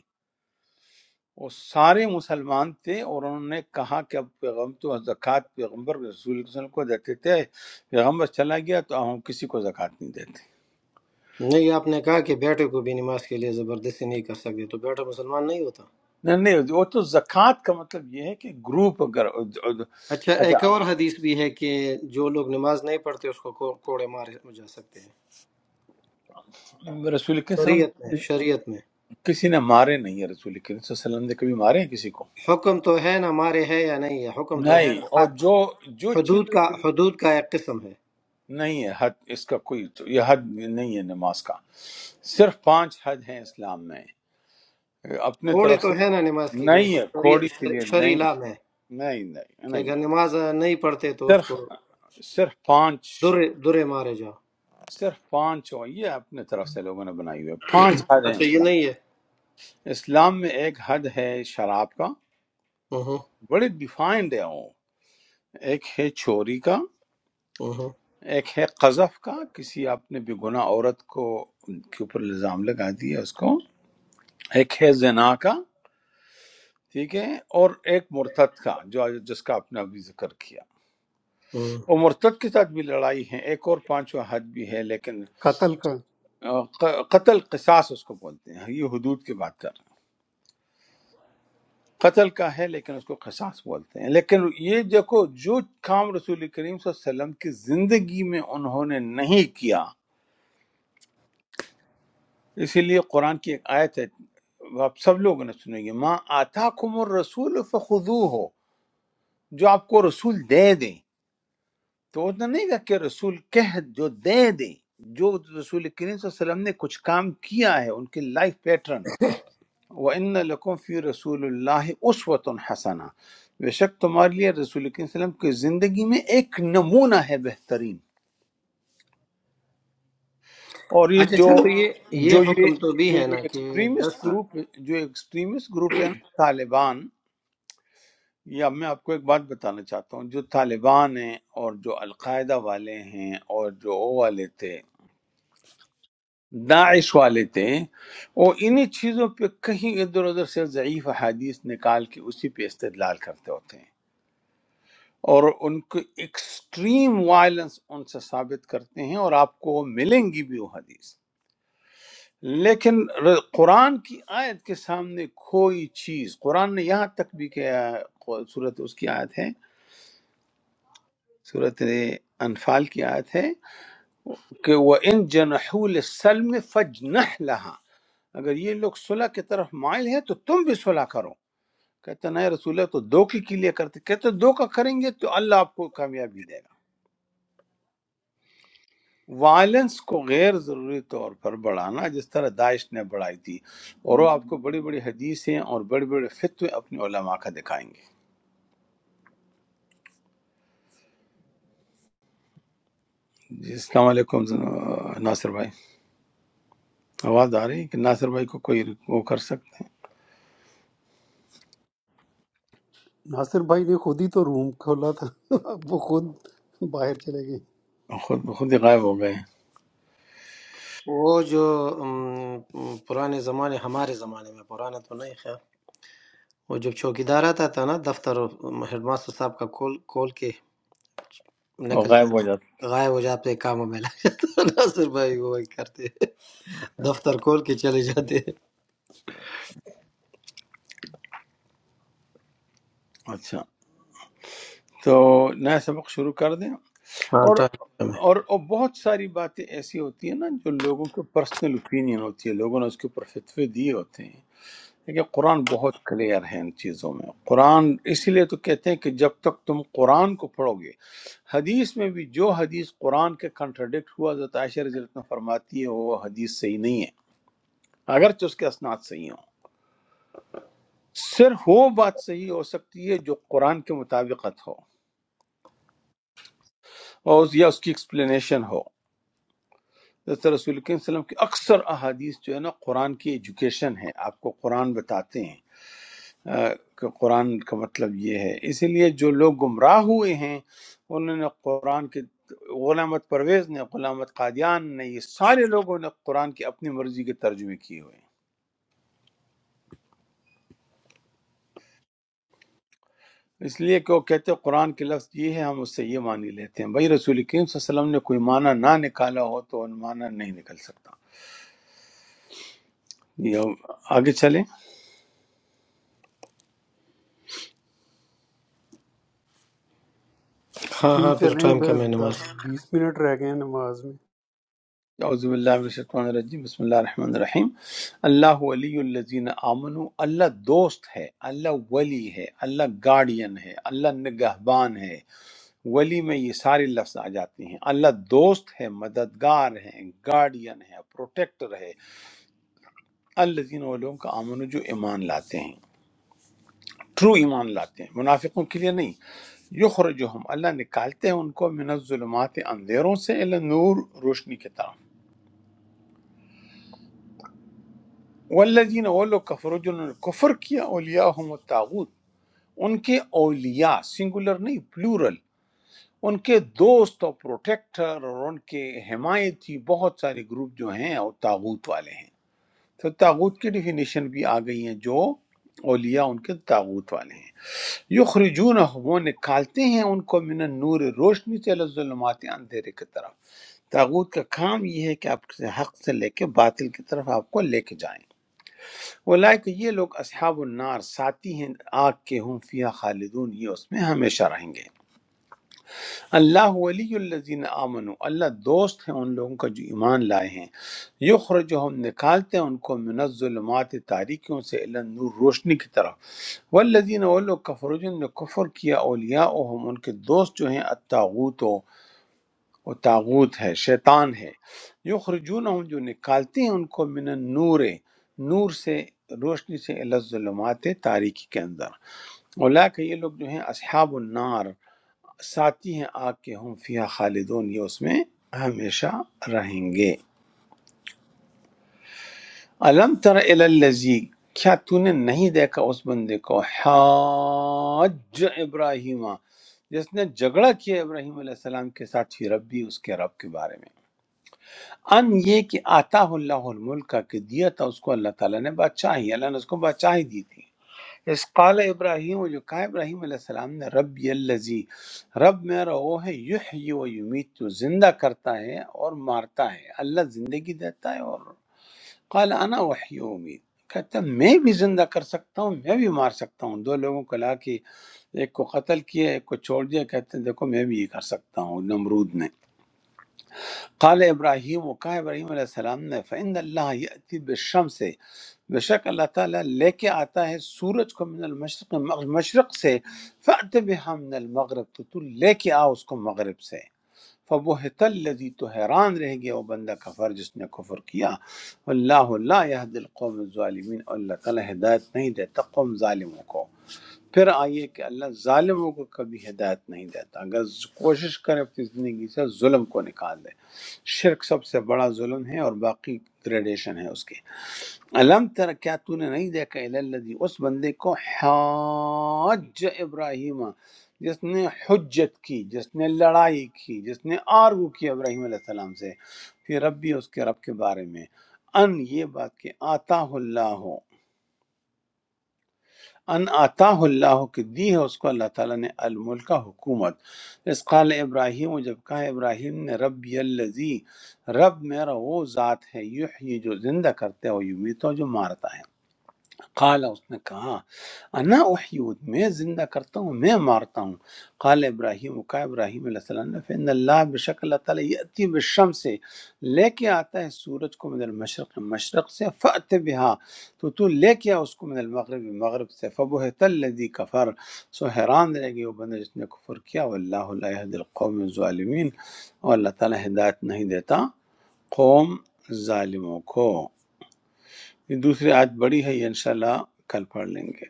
وہ سارے مسلمان تھے اور انہوں نے کہا کہ اب پیغم تو زکوٰۃ پیغمبر رسول اللہ صلی اللہ علیہ وسلم کو دیتے تھے پیغمبر چلا گیا تو ہم کسی کو زکوٰۃ نہیں دیتے
نہیں آپ نے کہا کہ بیٹے کو بھی نماز کے لیے زبردستی نہیں کر سکتے تو بیٹا مسلمان نہیں ہوتا
نہیں نہیں وہ تو زکوٰۃ کا مطلب یہ ہے کہ گروپ اگر
اچھا
اچھا
ایک اور حدیث بھی ہے کہ جو لوگ نماز نہیں پڑھتے اس کو کو- کوڑے مارے جا سکتے ہیں
رسول کے وسلم
شریعت میں شریعت میں
کسی نے مارے نہیں ہے رسول کے وسلم نے کبھی مارے ہیں کسی کو
حکم تو ہے نا مارے ہے یا نہیں ہے حکم تو ہے
نہیں
نا
اور
حد
جو جو چیز
حدود کا
رسول-
حدود کا ایک قسم ہے
نہیں ہے حد اس کا کوئی تو یہ حد نہیں ہے نماز کا صرف پانچ حد ہیں اسلام میں اپنے
کوڑے
طرف سے
تو ہے نا نماز کے لیے
نہیں ہے
شریع
کھوڑی کے
شر-
لیے
شرعی
نہیں
لام ہے
نہیں نہیں
کہ
نہیں
اگر
ہے
نماز نہیں پڑھتے تو اس
صرف
کو
صرف پانچ
درے درے مارے جاؤ
صرف پانچ ہو یہ اپنے طرف سے لوگوں نے بنائی ہوئی ہے پانچ حد ہیں
اچھا یہ
اسلام
نہیں ہے
اسلام میں ایک حد ہے شراب کا
ہوں
بڑے ڈیفائنڈ ہے وہ ایک ہے چوری کا
ہوں
ایک ہے قذف کا کسی آپ نے بے گناہ عورت کو کے اوپر الزام لگا دیا اس کو ایک ہے زنا کا ٹھیک ہے اور ایک مرتد کا جو جس کا آپ نے ابھی ذکر کیا
ہوں
وہ مرتد کے ساتھ بھی لڑائی ہے ایک اور پانچواں حد بھی ہے لیکن
قتل کا
ق- قتل قصاص اس کو بولتے ہیں یہ حدود کی بات کر رہے ہیں قتل کا ہے لیکن اس کو قصاص بولتے ہیں لیکن یہ دیکھو جو کام رسول کریم صلی اللہ علیہ وسلم کی زندگی میں انہوں نے نہیں کیا اسی لیے قرآن کی ایک آیت ہے وہ آپ سب لوگوں نے سنیں گے ماں آتا کم الرسول فخو ہو جو آپ کو رسول دے دیں تو اتنا نہیں کہا کہ رسول کہہ جو دے دیں جو رسول کریم صلی اللہ علیہ وسلم نے کچھ کام کیا ہے ان کی لائف پیٹرن وَإِنَّ لَكُمْ فِي رَسُولِ اللَّهِ أُسْوَةٌ حَسَنَةٌ بے شک تمہارے لیے رسول اکرم صلی اللہ علیہ وسلم کی زندگی میں ایک نمونہ ہے بہترین اور یہ
اچھا
جو
چلو یہ یہ
جو یہ
حکم تو بھی
جو
ہے
یہ
نا کہ دس
ایکسٹریمسٹ
سال
گروپ جو ایکسٹریمسٹ گروپ ہے نا طالبان یا میں آپ کو ایک بات بتانا چاہتا ہوں جو طالبان ہیں اور جو القاعدہ والے ہیں اور جو وہ والے تھے داعش والے تھے وہ انہی چیزوں پہ کہیں ادھر ادھر سے ضعیف حدیث نکال کے اسی پہ استدلال کرتے ہوتے ہیں اور ان کو ایکسٹریم وائلنس ان سے ثابت کرتے ہیں اور آپ کو ملیں گی بھی وہ حدیث لیکن ر- قرآن کی آیت کے سامنے کوئی چیز قرآن نے یہاں تک بھی کیا صورت اس کی آیت ہے صورت انفال کی آیت ہے کہ وہ ان جنحول سلم فجنح لہا اگر یہ لوگ صلح کی طرف مائل ہیں تو تم بھی صلح کرو کہتے ہیں، نہیں رسول اللہ تو دو کی کے لیے کرتے کہتے ہیں، دو کا کریں گے تو اللہ آپ کو کامیابی دے گا وائلنس کو غیر ضروری طور پر بڑھانا جس طرح داعش نے بڑھائی تھی اور وہ آپ کو بڑی بڑی حدیثیں اور بڑے بڑے فتوے اپنے علماء کا دکھائیں گے جی السلام علیکم آ، ناصر بھائی آواز آ رہی ہے کہ ناصر بھائی کو کوئی وہ کر سکتے
ناصر بھائی نے خود ہی تو روم کھولا تھا اب وہ خود باہر چلے گئے
ہیں خود خود ہی غائب ہو گئے ہیں۔
وہ جو ام، پرانے زمانے ہمارے زمانے میں پرانا تو نہیں خیر وہ جب چوکیدار آتا تھا نا دفتر ہیڈ ماسٹر صاحب کا کھول کھول کے
اور
نکل
غائب ہو
جاتا
جاتا
تھا غائب ہو جاتے کاموں میں لگ جاتا تھا۔ ناصر بھائی وہ وہی کرتے دفتر کھول کے چلے جاتے
اچھا تو نیا سبق شروع کر دیں
ہاں
اور
ٹائم کم ہے
اور اور بہت ساری باتیں ایسی ہوتی ہیں نا جو لوگوں کے پرسنل اوپینین ہوتی ہے لوگوں نے اس کے اوپر فتوے دیے ہوتے ہیں کہ قرآن بہت کلیئر ہے ان چیزوں میں قرآن اسی لیے تو کہتے ہیں کہ جب تک تم قرآن کو پڑھو گے حدیث میں بھی جو حدیث قرآن کے کنٹرڈکٹ ہوا حضرت عائشہ رضی اللہ عنہ فرماتی ہے وہ حدیث صحیح نہیں ہے اگرچہ اس کے اسناد صحیح ہوں صرف وہ بات صحیح ہو سکتی ہے جو قرآن کے مطابقت ہو اور اس- یا اس کی ایکسپلینیشن ہو جیسے رسول کریم صلی اللہ علیہ وسلم کی اکثر احادیث جو ہے نا قرآن کی ایجوکیشن ہے آپ کو قرآن بتاتے ہیں آ، کہ قرآن کا مطلب یہ ہے اسی لیے جو لوگ گمراہ ہوئے ہیں انہوں نے قرآن کی غلامت پرویز نے غلامت قادیان نے یہ سارے لوگوں نے قرآن کی اپنی مرضی کے ترجمے کیے ہوئے ہیں اس لیے کہ وہ کہتے ہیں قرآن کے لفظ یہ ہے ہم اس سے یہ معنی لیتے ہیں بھائی رسول کریم صلی اللہ علیہ وسلم نے کوئی معنی نہ نکالا ہو تو وہ معنی نہیں نکل سکتا یہ آگے چلیں
ہاں
جی
ہاں پھر
چلیں
ٹائم کم
ب-
ہے نماز
د- بیس منٹ رہ گئے ہیں نماز میں
اعوذ باللہ من الشیطان الرجیم بسم اللہ الرحمن الرحیم اللہ ولی الذین آمنوا اللہ دوست ہے اللہ ولی ہے اللہ گارڈین ہے اللہ نگہبان ہے ولی میں یہ سارے لفظ آ جاتے ہیں اللہ دوست ہے مددگار ہے گارڈین ہے پروٹیکٹر ہے الذین وہ لوگوں کا آمن جو ایمان لاتے ہیں ٹرو ایمان لاتے ہیں منافقوں کے لیے نہیں یخرجہم اللہ نکالتے ہیں ان کو من الظلمات اندھیروں سے الی نور روشنی کی طرف والذین وہ لوگ کفروا جنہوں نے کفر کیا اولیاءہم الطاغوت ان کے اولیاء سنگولر نہیں پلورل ان کے دوست اور پروٹیکٹر اور ان کے حمایتی بہت سارے گروپ جو ہیں اور تاغوت والے ہیں تو تاغوت کی ڈیفینیشن بھی آ گئی ہیں جو اولیاء ان کے تاغوت والے ہیں یخرجون وہ نکالتے ہیں ان کو من النور روشنی سے الی الظلمات اندھیرے کی طرف تاغوت کا کام یہ ہے کہ آپ سے حق سے لے کے باطل کی طرف آپ کو لے کے جائیں اولئک یہ لوگ اصحاب النار ساتھی ہیں آگ کے ہم فیہا خالدون یہ اس میں ہمیشہ رہیں گے اللہ ولی الذین آمنو اللہ دوست ہیں ان لوگوں کا جو ایمان لائے ہیں یخرجہم نکالتے ہیں ان کو من الظلمات تاریکیوں سے الی نور روشنی کی طرف والذین وہ لوگ کفر جن نے کفر کیا اولیاءهم ان کے دوست جو ہیں الطاغوت و وہ تاغوت ہے شیطان ہے یخرجونہم جو نکالتے ہیں ان کو من النور نور سے روشنی سے الی الظلمات تاریکی کے اندر اولا کہ یہ لوگ جو ہیں اصحاب النار ساتھی ہیں آگ کے ہم فیہا خالدون یہ اس میں ہمیشہ رہیں گے الم تر الی الذی کیا تو نے نہیں دیکھا اس بندے کو حاج ابراہیم جس نے جھگڑا کیا ابراہیم علیہ السلام کے ساتھ فی ربی اس کے رب کے بارے میں ان یہ کہ آتا اللہ الملک کا کہ دیا تھا اس کو اللہ تعالیٰ نے بادشاہی اللہ نے اس کو بادشاہی دی تھی اس قال ابراہیم جو کہا ابراہیم علیہ السلام نے رب الذی رب میرا وہ ہے یحیی و یمیت جو زندہ کرتا ہے اور مارتا ہے اللہ زندگی دیتا ہے اور قال انا احیی و امید کہتا ہے، میں بھی زندہ کر سکتا ہوں میں بھی مار سکتا ہوں دو لوگوں کو لا کے ایک کو قتل کیا ایک کو چھوڑ دیا کہتے ہیں دیکھو میں بھی یہ کر سکتا ہوں نمرود نے قال ابراہیم کہا ابراہیم علیہ السلام نے فعند اللہ یأتی بالشم سے بے شک اللہ تعالیٰ لے کے آتا ہے سورج کو من المشرق مشرق سے فأت بها من المغرب تو تو لے کے آ اس کو مغرب سے فبہت الذی تو حیران رہ گیا وہ بندہ کفر جس نے کفر کیا اللہ لا یهد القوم الظالمین اور اللہ تعالیٰ ہدایت نہیں دیتا قوم ظالموں کو پھر آئیے کہ اللہ ظالموں کو کبھی ہدایت نہیں دیتا اگر ز- کوشش کریں اپنی زندگی سے ظلم کو نکال دیں شرک سب سے بڑا ظلم ہے اور باقی گریڈیشن ہے اس کے علم تر کیا تو نے نہیں دیکھا الذی اس بندے کو حاج ابراہیم جس نے حجت کی جس نے لڑائی کی جس نے آرگو کی ابراہیم علیہ السلام سے پھر ربی اس کے رب کے بارے میں ان یہ بات کہ آتا اللہ ان عطا اللہ کہ دی ہے اس کو اللہ تعالیٰ نے الملک حکومت اس قال ابراہیم جب کہا ابراہیم نے رب الذی رب میرا وہ ذات ہے یحیی جو زندہ کرتے ہو یمیت ہو جو مارتا ہے قال اس نے کہا انا احیود میں زندہ کرتا ہوں میں مارتا ہوں قال ابراہیم کا ابراہیم علیہ السلام نے فن اللہ بشک اللہ تعالیٰ یاتی بالشمس سے لے کے آتا ہے سورج کو من المشرق مشرق سے فات بہا تو تو لے کے آ اس کو من المغرب مغرب سے فبہت الذی کفر سو حیران رہ گئی وہ بندہ جس نے کفر کیا واللہ لا یهدی القوم الظالمین اور اللہ تعالیٰ ہدایت نہیں دیتا قوم ظالموں کو یہ دوسری آیت بڑی ہے یہ انشاءاللہ کل پڑھ لیں گے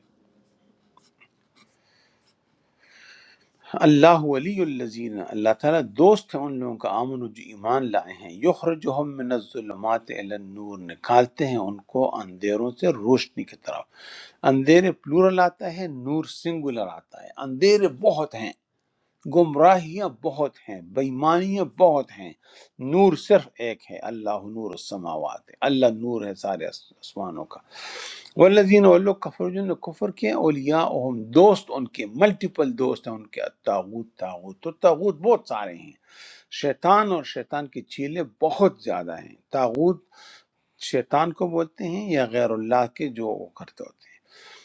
اللہ ولی الذین اللہ تعالیٰ دوست ہے ان لوگوں کا آمن جو ایمان لائے ہیں یخرجہم من الظلمات الی النور نکالتے ہیں ان کو اندھیروں سے روشنی کی طرف اندھیرے پلورل آتا ہے نور سنگولر آتا ہے اندھیرے بہت ہیں گمراہیاں بہت ہیں بےمانیاں بہت ہیں نور صرف ایک ہے اللہ نور السماوات اللہ نور ہے سارے آسمانوں کا والذین وہ لوگ کفر جن نے کفر کیا اولیاء دوست ان کے ملٹیپل دوست ہیں ان کے تاغوت تاغوت تو تاغوت بہت سارے ہیں شیطان اور شیطان کی چیلیں بہت زیادہ ہیں تاغوت شیطان کو بولتے ہیں یا غیر اللہ کے جو وہ کرتے ہوتے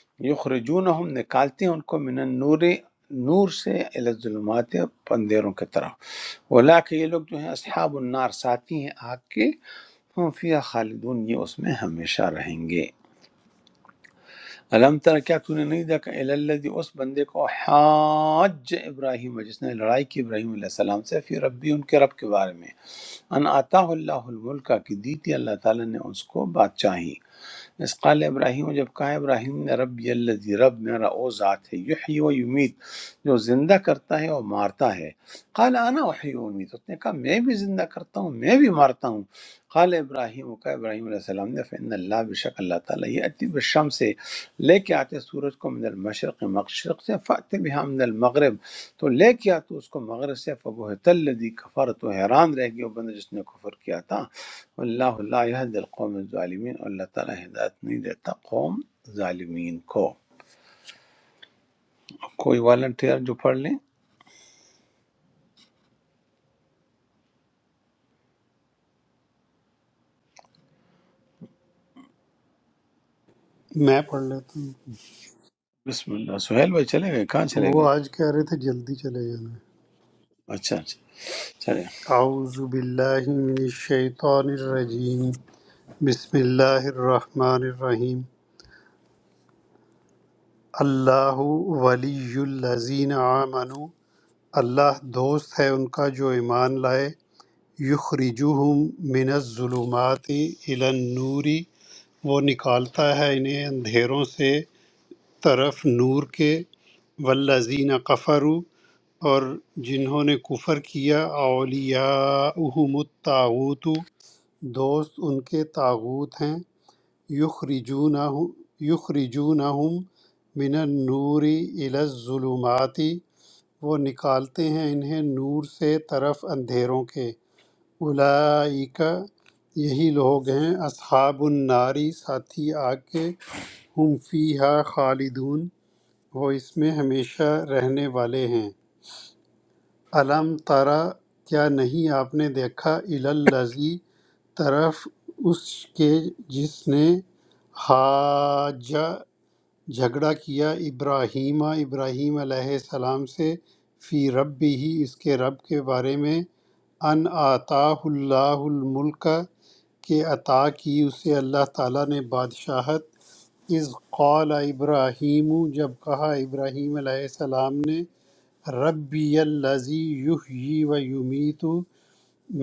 ہیں یخرجون ہم نکالتے ہیں ان کو من النور نور سے الی الظلمات پندیروں کی طرف ولا کہ یہ لوگ جو ہیں اصحاب النار ساتھی ہیں آگ کے ہم فیہا خالدون یہ اس میں ہمیشہ رہیں گے علم تر کیا تو نے نہیں دیکھا الذی اس بندے کو حاج ابراہیم جس نے لڑائی کی ابراہیم علیہ السلام سے پھر ربی ان کے رب کے بارے میں ان آتا اللہ الملک کی دی تھی اللہ تعالیٰ نے اس کو بادشاہی اس قال ابراہیم جب کہا ابراہیم نے رب الذی رب میرا او ذات ہے یحیی و یمیت جو زندہ کرتا ہے اور مارتا ہے قال انا احیی و امیت اس نے کہا میں بھی زندہ کرتا ہوں میں بھی مارتا ہوں قال ابراہیم کا ابراہیم علیہ السلام نے فإن اللہ بشک اللہ تعالیٰ یہ اتی بشم سے لے کے آتے سورج کو من المشرق مشرق سے فات بها من المغرب تو لے کے آتے اس کو مغرب سے فبہت الذی کفر تو حیران رہ گیا وہ بندہ جس نے کفر کیا تھا اللہ لا يهدي القوم الظالمین اور اللہ تعالیٰ ہدایت نہیں دیتا قوم ظالمین کو کوئی والنٹیئر جو پڑھ لیں
میں پڑھ لیتا ہوں
بسم اللہ سہیل بھائی چلے گئے کہاں چلے گئے
وہ آج کہہ رہے تھے جلدی چلے جانا
اچھا اچھا چلے
اعوذ باللہ من الشیطان الرجیم بسم اللہ الرحمن الرحیم اللہ ولی الذین آمنوا اللہ دوست ہے ان کا جو ایمان لائے یخرجوہم من الظلمات الی النور وہ نکالتا ہے انہیں اندھیروں سے طرف نور کے والذین کفروا اور جنہوں نے کفر کیا اولیاءہم الطاغوت دوست ان کے طاغوت ہیں یخرجونہم یخرجونہم من النور الی الظلمات وہ نکالتے ہیں انہیں نور سے طرف اندھیروں کے اولئک یہی لوگ ہیں اصحاب الناری ساتھی آگ کے ہم فیہا خالدون وہ اس میں ہمیشہ رہنے والے ہیں الم ترا کیا نہیں آپ نے دیکھا الالذی طرف اس کے جس نے حاجہ جھگڑا کیا ابراہیم ابراہیم علیہ السلام سے فی رب ہی اس کے رب کے بارے میں ان آتا اللہ الملک کہ عطا کی اسے اللہ تعالیٰ نے بادشاہت از قال ابراہیم جب کہا ابراہیم علیہ السلام نے ربی الذی یحیی و یمیت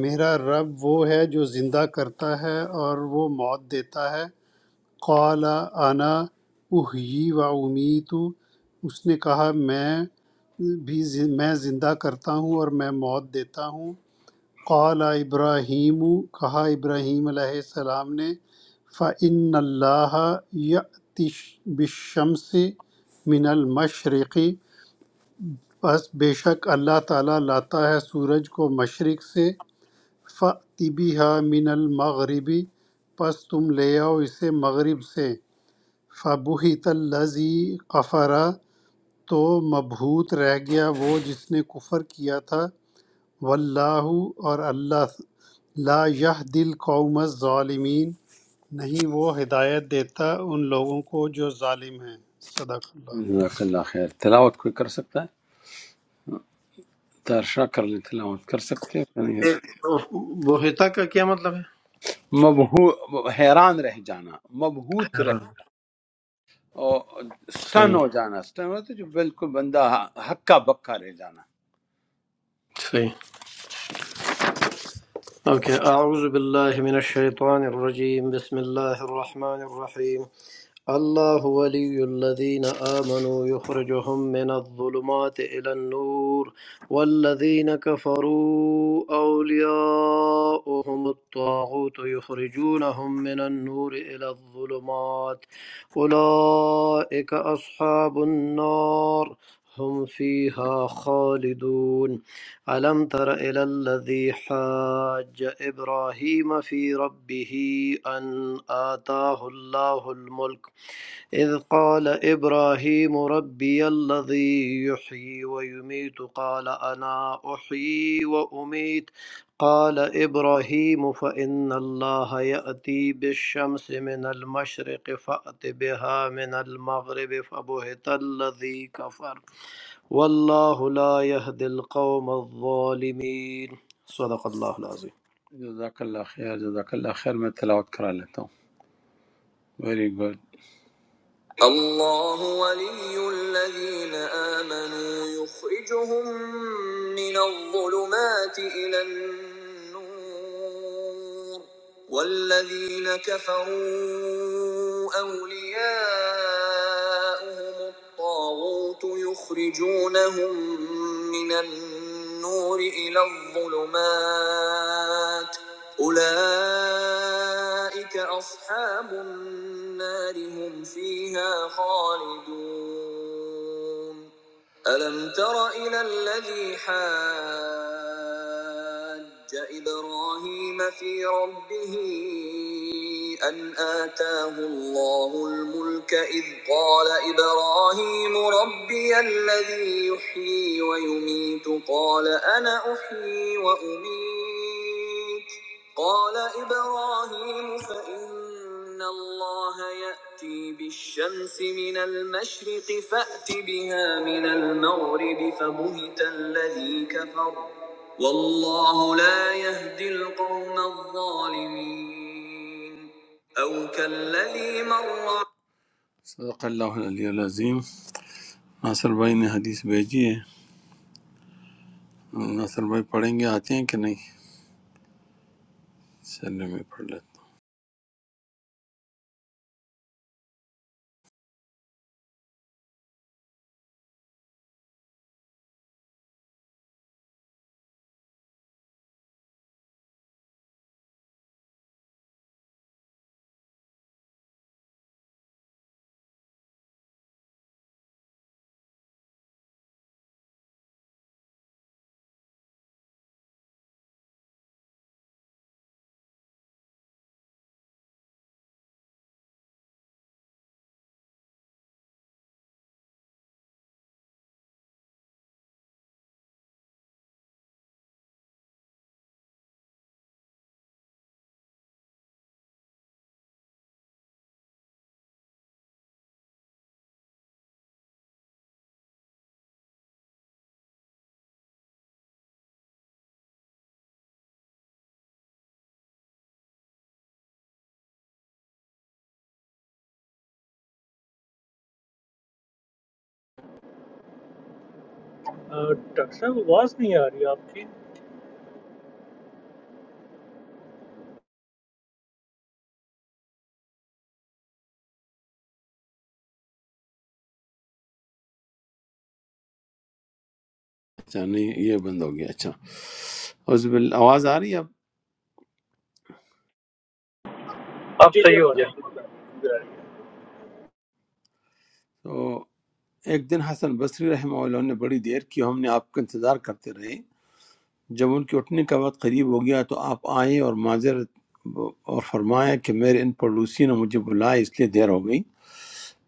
میرا رب وہ ہے جو زندہ کرتا ہے اور وہ موت دیتا ہے قال انا احیی و امیت اس نے کہا میں بھی زن- میں زندہ کرتا ہوں اور میں موت دیتا ہوں قال ابراہیم کہا ابراہیم علیہ السلام نے فعن اللہ یاتش بالشمس من المشرقی پس بے شک اللہ تعالیٰ لاتا ہے سورج کو مشرق سے فَأْتِ بِهَا من المغربی پس تم لے آؤ اسے مغرب سے فَبُہِتَ الَّذِي کفر تو مبہوت رہ گیا وہ جس نے کفر کیا تھا واللہ اور اللہ لا یهدی القوم الظالمین نہیں وہ ہدایت دیتا ان لوگوں کو جو ظالم ہیں صدق اللہ
جزاک اللہ خیر تلاوت کوئی کر سکتا ہے ترشا کر لیں تلاوت کر سکتے ہیں یعنی
بہتا کا کیا مطلب ہے
مبہو حیران رہ جانا مبہوت
حیران
رہ اور
صحیح
سٹن ہو جانا سٹن ہوتا ہے جو بالکل بندہ ہکا بکا رہ جانا
صحیح أوكي أعوذ بالله من الشيطان الرجيم بسم الله الرحمن الرحيم الله ولي الذين آمنوا يخرجهم من الظلمات إلى النور والذين كفروا أولياؤهم الطاغوت يخرجونهم من النور إلى الظلمات أولئك أصحاب النار هم فيها خالدون ألم تر إلى الذي حاج إبراهيم في ربه أن آتاه الله الملك إذ قال إبراهيم ربي الذي يحيي ويميت قال أنا أحيي وأميت قال إبراهيم فإن الله يأتي بالشمس من المشرق فأت بها من المغرب فبهت الذي كفر والله لا يهدي القوم الظالمين صدق الله العظيم
جزاک اللہ خیر جزاک اللہ خیر میں تلاوت کرا لیتا ہوں ویری گڈ الله ولي الذين آمنوا يخرجهم من الظلمات إلى النور والذين كفروا أولياءهم الطاغوت يخرجونهم من النور إلى الظلمات أولئك أصحاب النار هم فيها خالدون ألم تر إلى الذي حاج إبراهيم في ربه أن آتاه الله الملك إذ قال إبراهيم ربي الذي يحيي ويميت قال أنا أحيي وأميت قال إبراهيم فإن الله يأتي بالشمس من المشرق فأت بها من المغرب فبهت الذي كفر والله لا يهدي القوم الظالمين أو كالذي مر صدق الله العلی العظیم ناصر بھائی نے حدیث بھیجی ہے ناصر بھائی پڑھیں گے آتے ہیں کہ نہیں چلے میں پڑھ لیتا
آ، ڈاکٹر صاحب آواز نہیں آ رہی آپ کی
اچھا نہیں یہ بند ہو گیا اچھا عزب آواز آ رہی ہے اب
اب
جی جی
صحیح ہو
اب آ
گیا
رہی ہے ادھر آ رہی ہے ادھر آ رہی ہے
تو ایک دن حسن بصری رحمہ اللہ نے بڑی دیر کی ہم نے آپ کا انتظار کرتے رہے جب ان کے اٹھنے کا وقت قریب ہو گیا تو آپ آئے اور معذرت اور فرمایا کہ میرے ان پڑوسی نے مجھے بلایا اس لیے دیر ہو گئی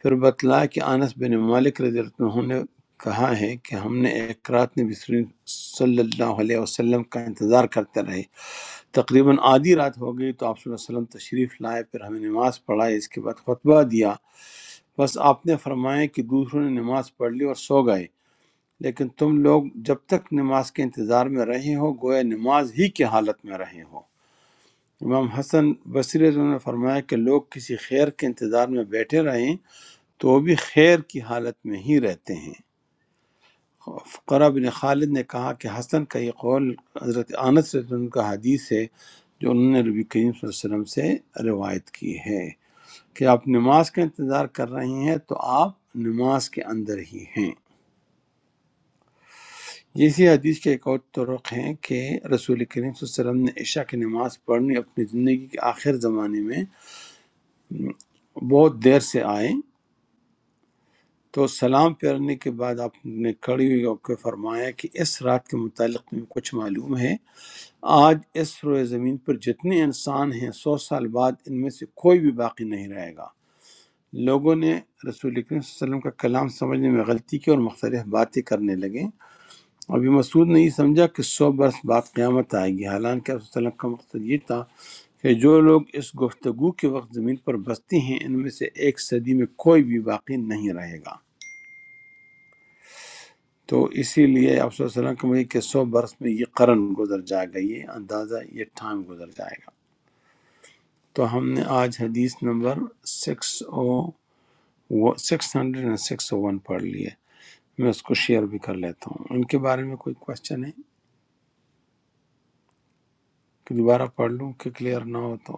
پھر بتلایا کہ انس بن مالک رضی اللہ عنہ نے کہا ہے کہ ہم نے ایک رات میں بسری صلی اللہ علیہ وسلم کا انتظار کرتے رہے تقریباً آدھی رات ہو گئی تو آپ صلی اللہ علیہ وسلم تشریف لائے پھر ہمیں نماز پڑھائی اس کے بعد خطبہ دیا بس آپ نے فرمایا کہ دوسروں نے نماز پڑھ لی اور سو گئے لیکن تم لوگ جب تک نماز کے انتظار میں رہے ہو گویا نماز ہی کی حالت میں رہے ہو امام حسن بصری رضی اللہ عنہ نے فرمایا کہ لوگ کسی خیر کے انتظار میں بیٹھے رہیں تو وہ بھی خیر کی حالت میں ہی رہتے ہیں فقرہ بن خالد نے کہا کہ حسن کا یہ قول حضرت انس رضی اللہ عنہ کا حدیث ہے جو انہوں نے ربی کریم صلی اللہ علیہ وسلم سے روایت کی ہے کہ آپ نماز کا انتظار کر رہی ہیں تو آپ نماز کے اندر ہی ہیں اسی حدیث کے ایک اور طرق ہیں کہ رسول کریم صلی اللہ علیہ وسلم نے عشاء کی نماز پڑھنی اپنی زندگی کے آخر زمانے میں بہت دیر سے آئے تو سلام پھیرنے کے بعد آپ نے کھڑی ہوئی ہو کے فرمایا کہ اس رات کے متعلق تمہیں کچھ معلوم ہے آج اس روئے زمین پر جتنے انسان ہیں سو سال بعد ان میں سے کوئی بھی باقی نہیں رہے گا لوگوں نے رسول اکرم صلی اللہ علیہ وسلم کا کلام سمجھنے میں غلطی کی اور مختلف باتیں کرنے لگے ابھی مسعود نے یہ سمجھا کہ سو برس بعد قیامت آئے گی حالانکہ رسول صلی اللہ علیہ وسلم کا مقصد یہ تھا کہ جو لوگ اس گفتگو کے وقت زمین پر بستے ہیں ان میں سے ایک صدی میں کوئی بھی باقی نہیں رہے گا تو اسی لیے آپ صلی اللہ علیہ وسلم کا مجھے کہ سو برس میں یہ قرن گزر جائے گا یہ اندازہ یہ ٹائم گزر جائے گا تو ہم نے آج حدیث number six o six hundred and six o one پڑھ لی ہے میں اس کو شیئر بھی کر لیتا ہوں ان کے بارے میں کوئی کوشچن ہے کہ دوبارہ پڑھ لوں کہ کلیئر نہ ہو تو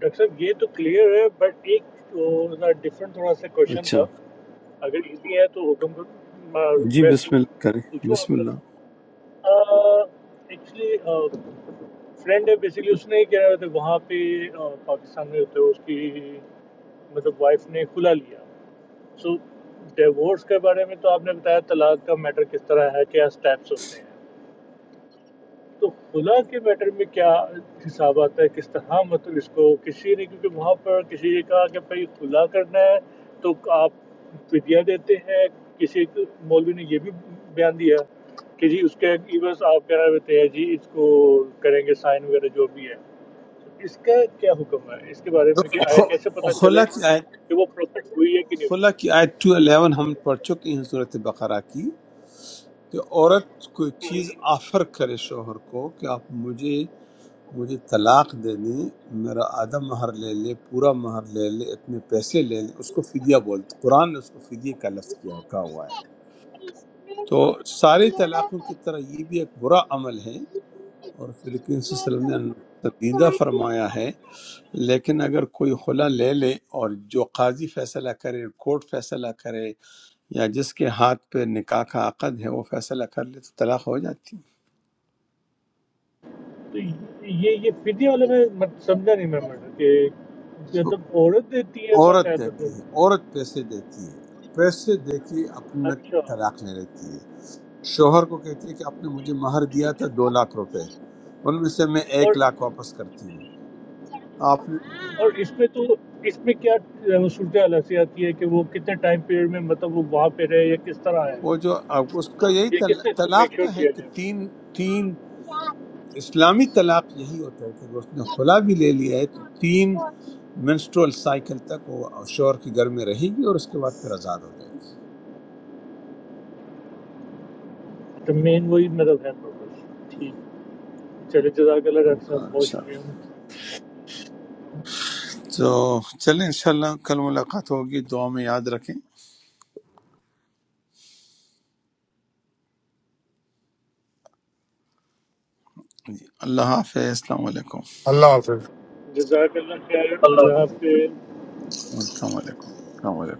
ڈاکٹر صاحب یہ تو کلیئر ہے بٹ ایک ڈفرینٹ تھوڑا سا کوشچن
اچھا
تھا اگر ایزی ہے تو حکم کرو
جی
ویسٹ
بسم اللہ کریں
پوچھو آپ
بسم
کو.
اللہ
ایکچولی فرینڈ ہے بیسکلی اس نے یہ کہہ رہا تھا وہاں پہ آ، پاکستان میں ہوتے ہوئے اس کی مطلب وائف نے کھلا لیا سو ڈیورس کے بارے میں تو آپ نے بتایا طلاق کا میٹر کس طرح ہے کیا اسٹیپس ہوتے ہیں تو خلا کے میٹر میں کیا حساب آتا ہے کس طرح مطلب اس کو کسی نے کیونکہ وہاں پر کسی نے کہا کہ بھائی خلا کرنا ہے تو آپ فدیہ دیتے ہیں کسی ایک مولوی نے یہ بھی بیان دیا کہ جی اس کے ایونس آپ کہہ رہے ہوتے ہیں جی اس کو کریں گے سائن وغیرہ جو بھی ہے اس کا کیا حکم ہے اس کے بارے میں کہ آیا کیسے
خ-
پتہ چلے
خلا کی آیت
کہ وہ پروفٹ ہوئی ہے کہ نہیں ہوئی
خلا کی آیت 211 ہم پڑھ چکے ہیں صورت بقرہ کی کہ عورت کوئی چیز آفر کرے شوہر کو کہ آپ مجھے مجھے طلاق دے دیں میرا آدھا مہر لے لے پورا مہر لے لے اتنے پیسے لے لیں اس کو فدیہ بولتے قرآن نے اس کو فدیہ کا لفظ کیا کہا ہوا ہے تو سارے طلاقوں کی طرح یہ بھی ایک برا عمل ہے اور فلپین صلی اللہ علیہ وسلم نے پسندیدہ فرمایا ہے لیکن اگر کوئی خلا لے لے اور جو قاضی فیصلہ کرے کورٹ فیصلہ کرے یا جس کے ہاتھ پہ نکاح کا عقد ہے وہ فیصلہ کر لے تو طلاق ہو جاتی ہے
تو یہ یہ فدیہ والا میں مت- سمجھا نہیں میں میڈم کہ
وہ
جب عورت دیتی ہے
عورت
باقاعدہ
دیتی ہے عورت پیسے دیتی ہے پیسے دے کے اپنا
اچھا
طلاق لے لیتی ہے شوہر کو کہتی ہے کہ آپ نے مجھے مہر دیا
ٹھیک
تھا
ہے
دو لاکھ روپے ان میں سے میں
اور
ایک لاکھ واپس کرتی ہوں آپ نے
اور اس میں تو اس میں کیا اہ، صورتحال ایسی آتی ہے کہ وہ کتنے ٹائم پیریڈ میں مطلب وہ وہاں پہ رہے یا کس طرح ہے
وہ جو اب اس کا یہی
یہ کس
طل-
سے اس کو میک
طلاق
شور
کا ہے
کیا
کہ
جائے
تین اسلامی طلاق یہی ہوتا ہے کہ اگر اس نے خلا بھی لے لیا ہے تو تین منسٹرول سائیکل تک وہ شوہر کے گھر میں رہے گی اور اس کے بعد پھر آزاد ہو جائے گی
تو مین وہی مطلب ہے پرپز ٹھیک چلے جزاک اللہ ڈاکٹر
اوکے،
صاحب بہت
انشاءاللہ۔
شکریہ
تو چلیں انشاءاللہ کل ملاقات ہوگی دعا میں یاد رکھیں جی اللہ حافظ السلام علیکم
اللہ حافظ
جزاک اللہ خیر
اللہ
اللہ حافظ
السلام علیکم السلام علیکم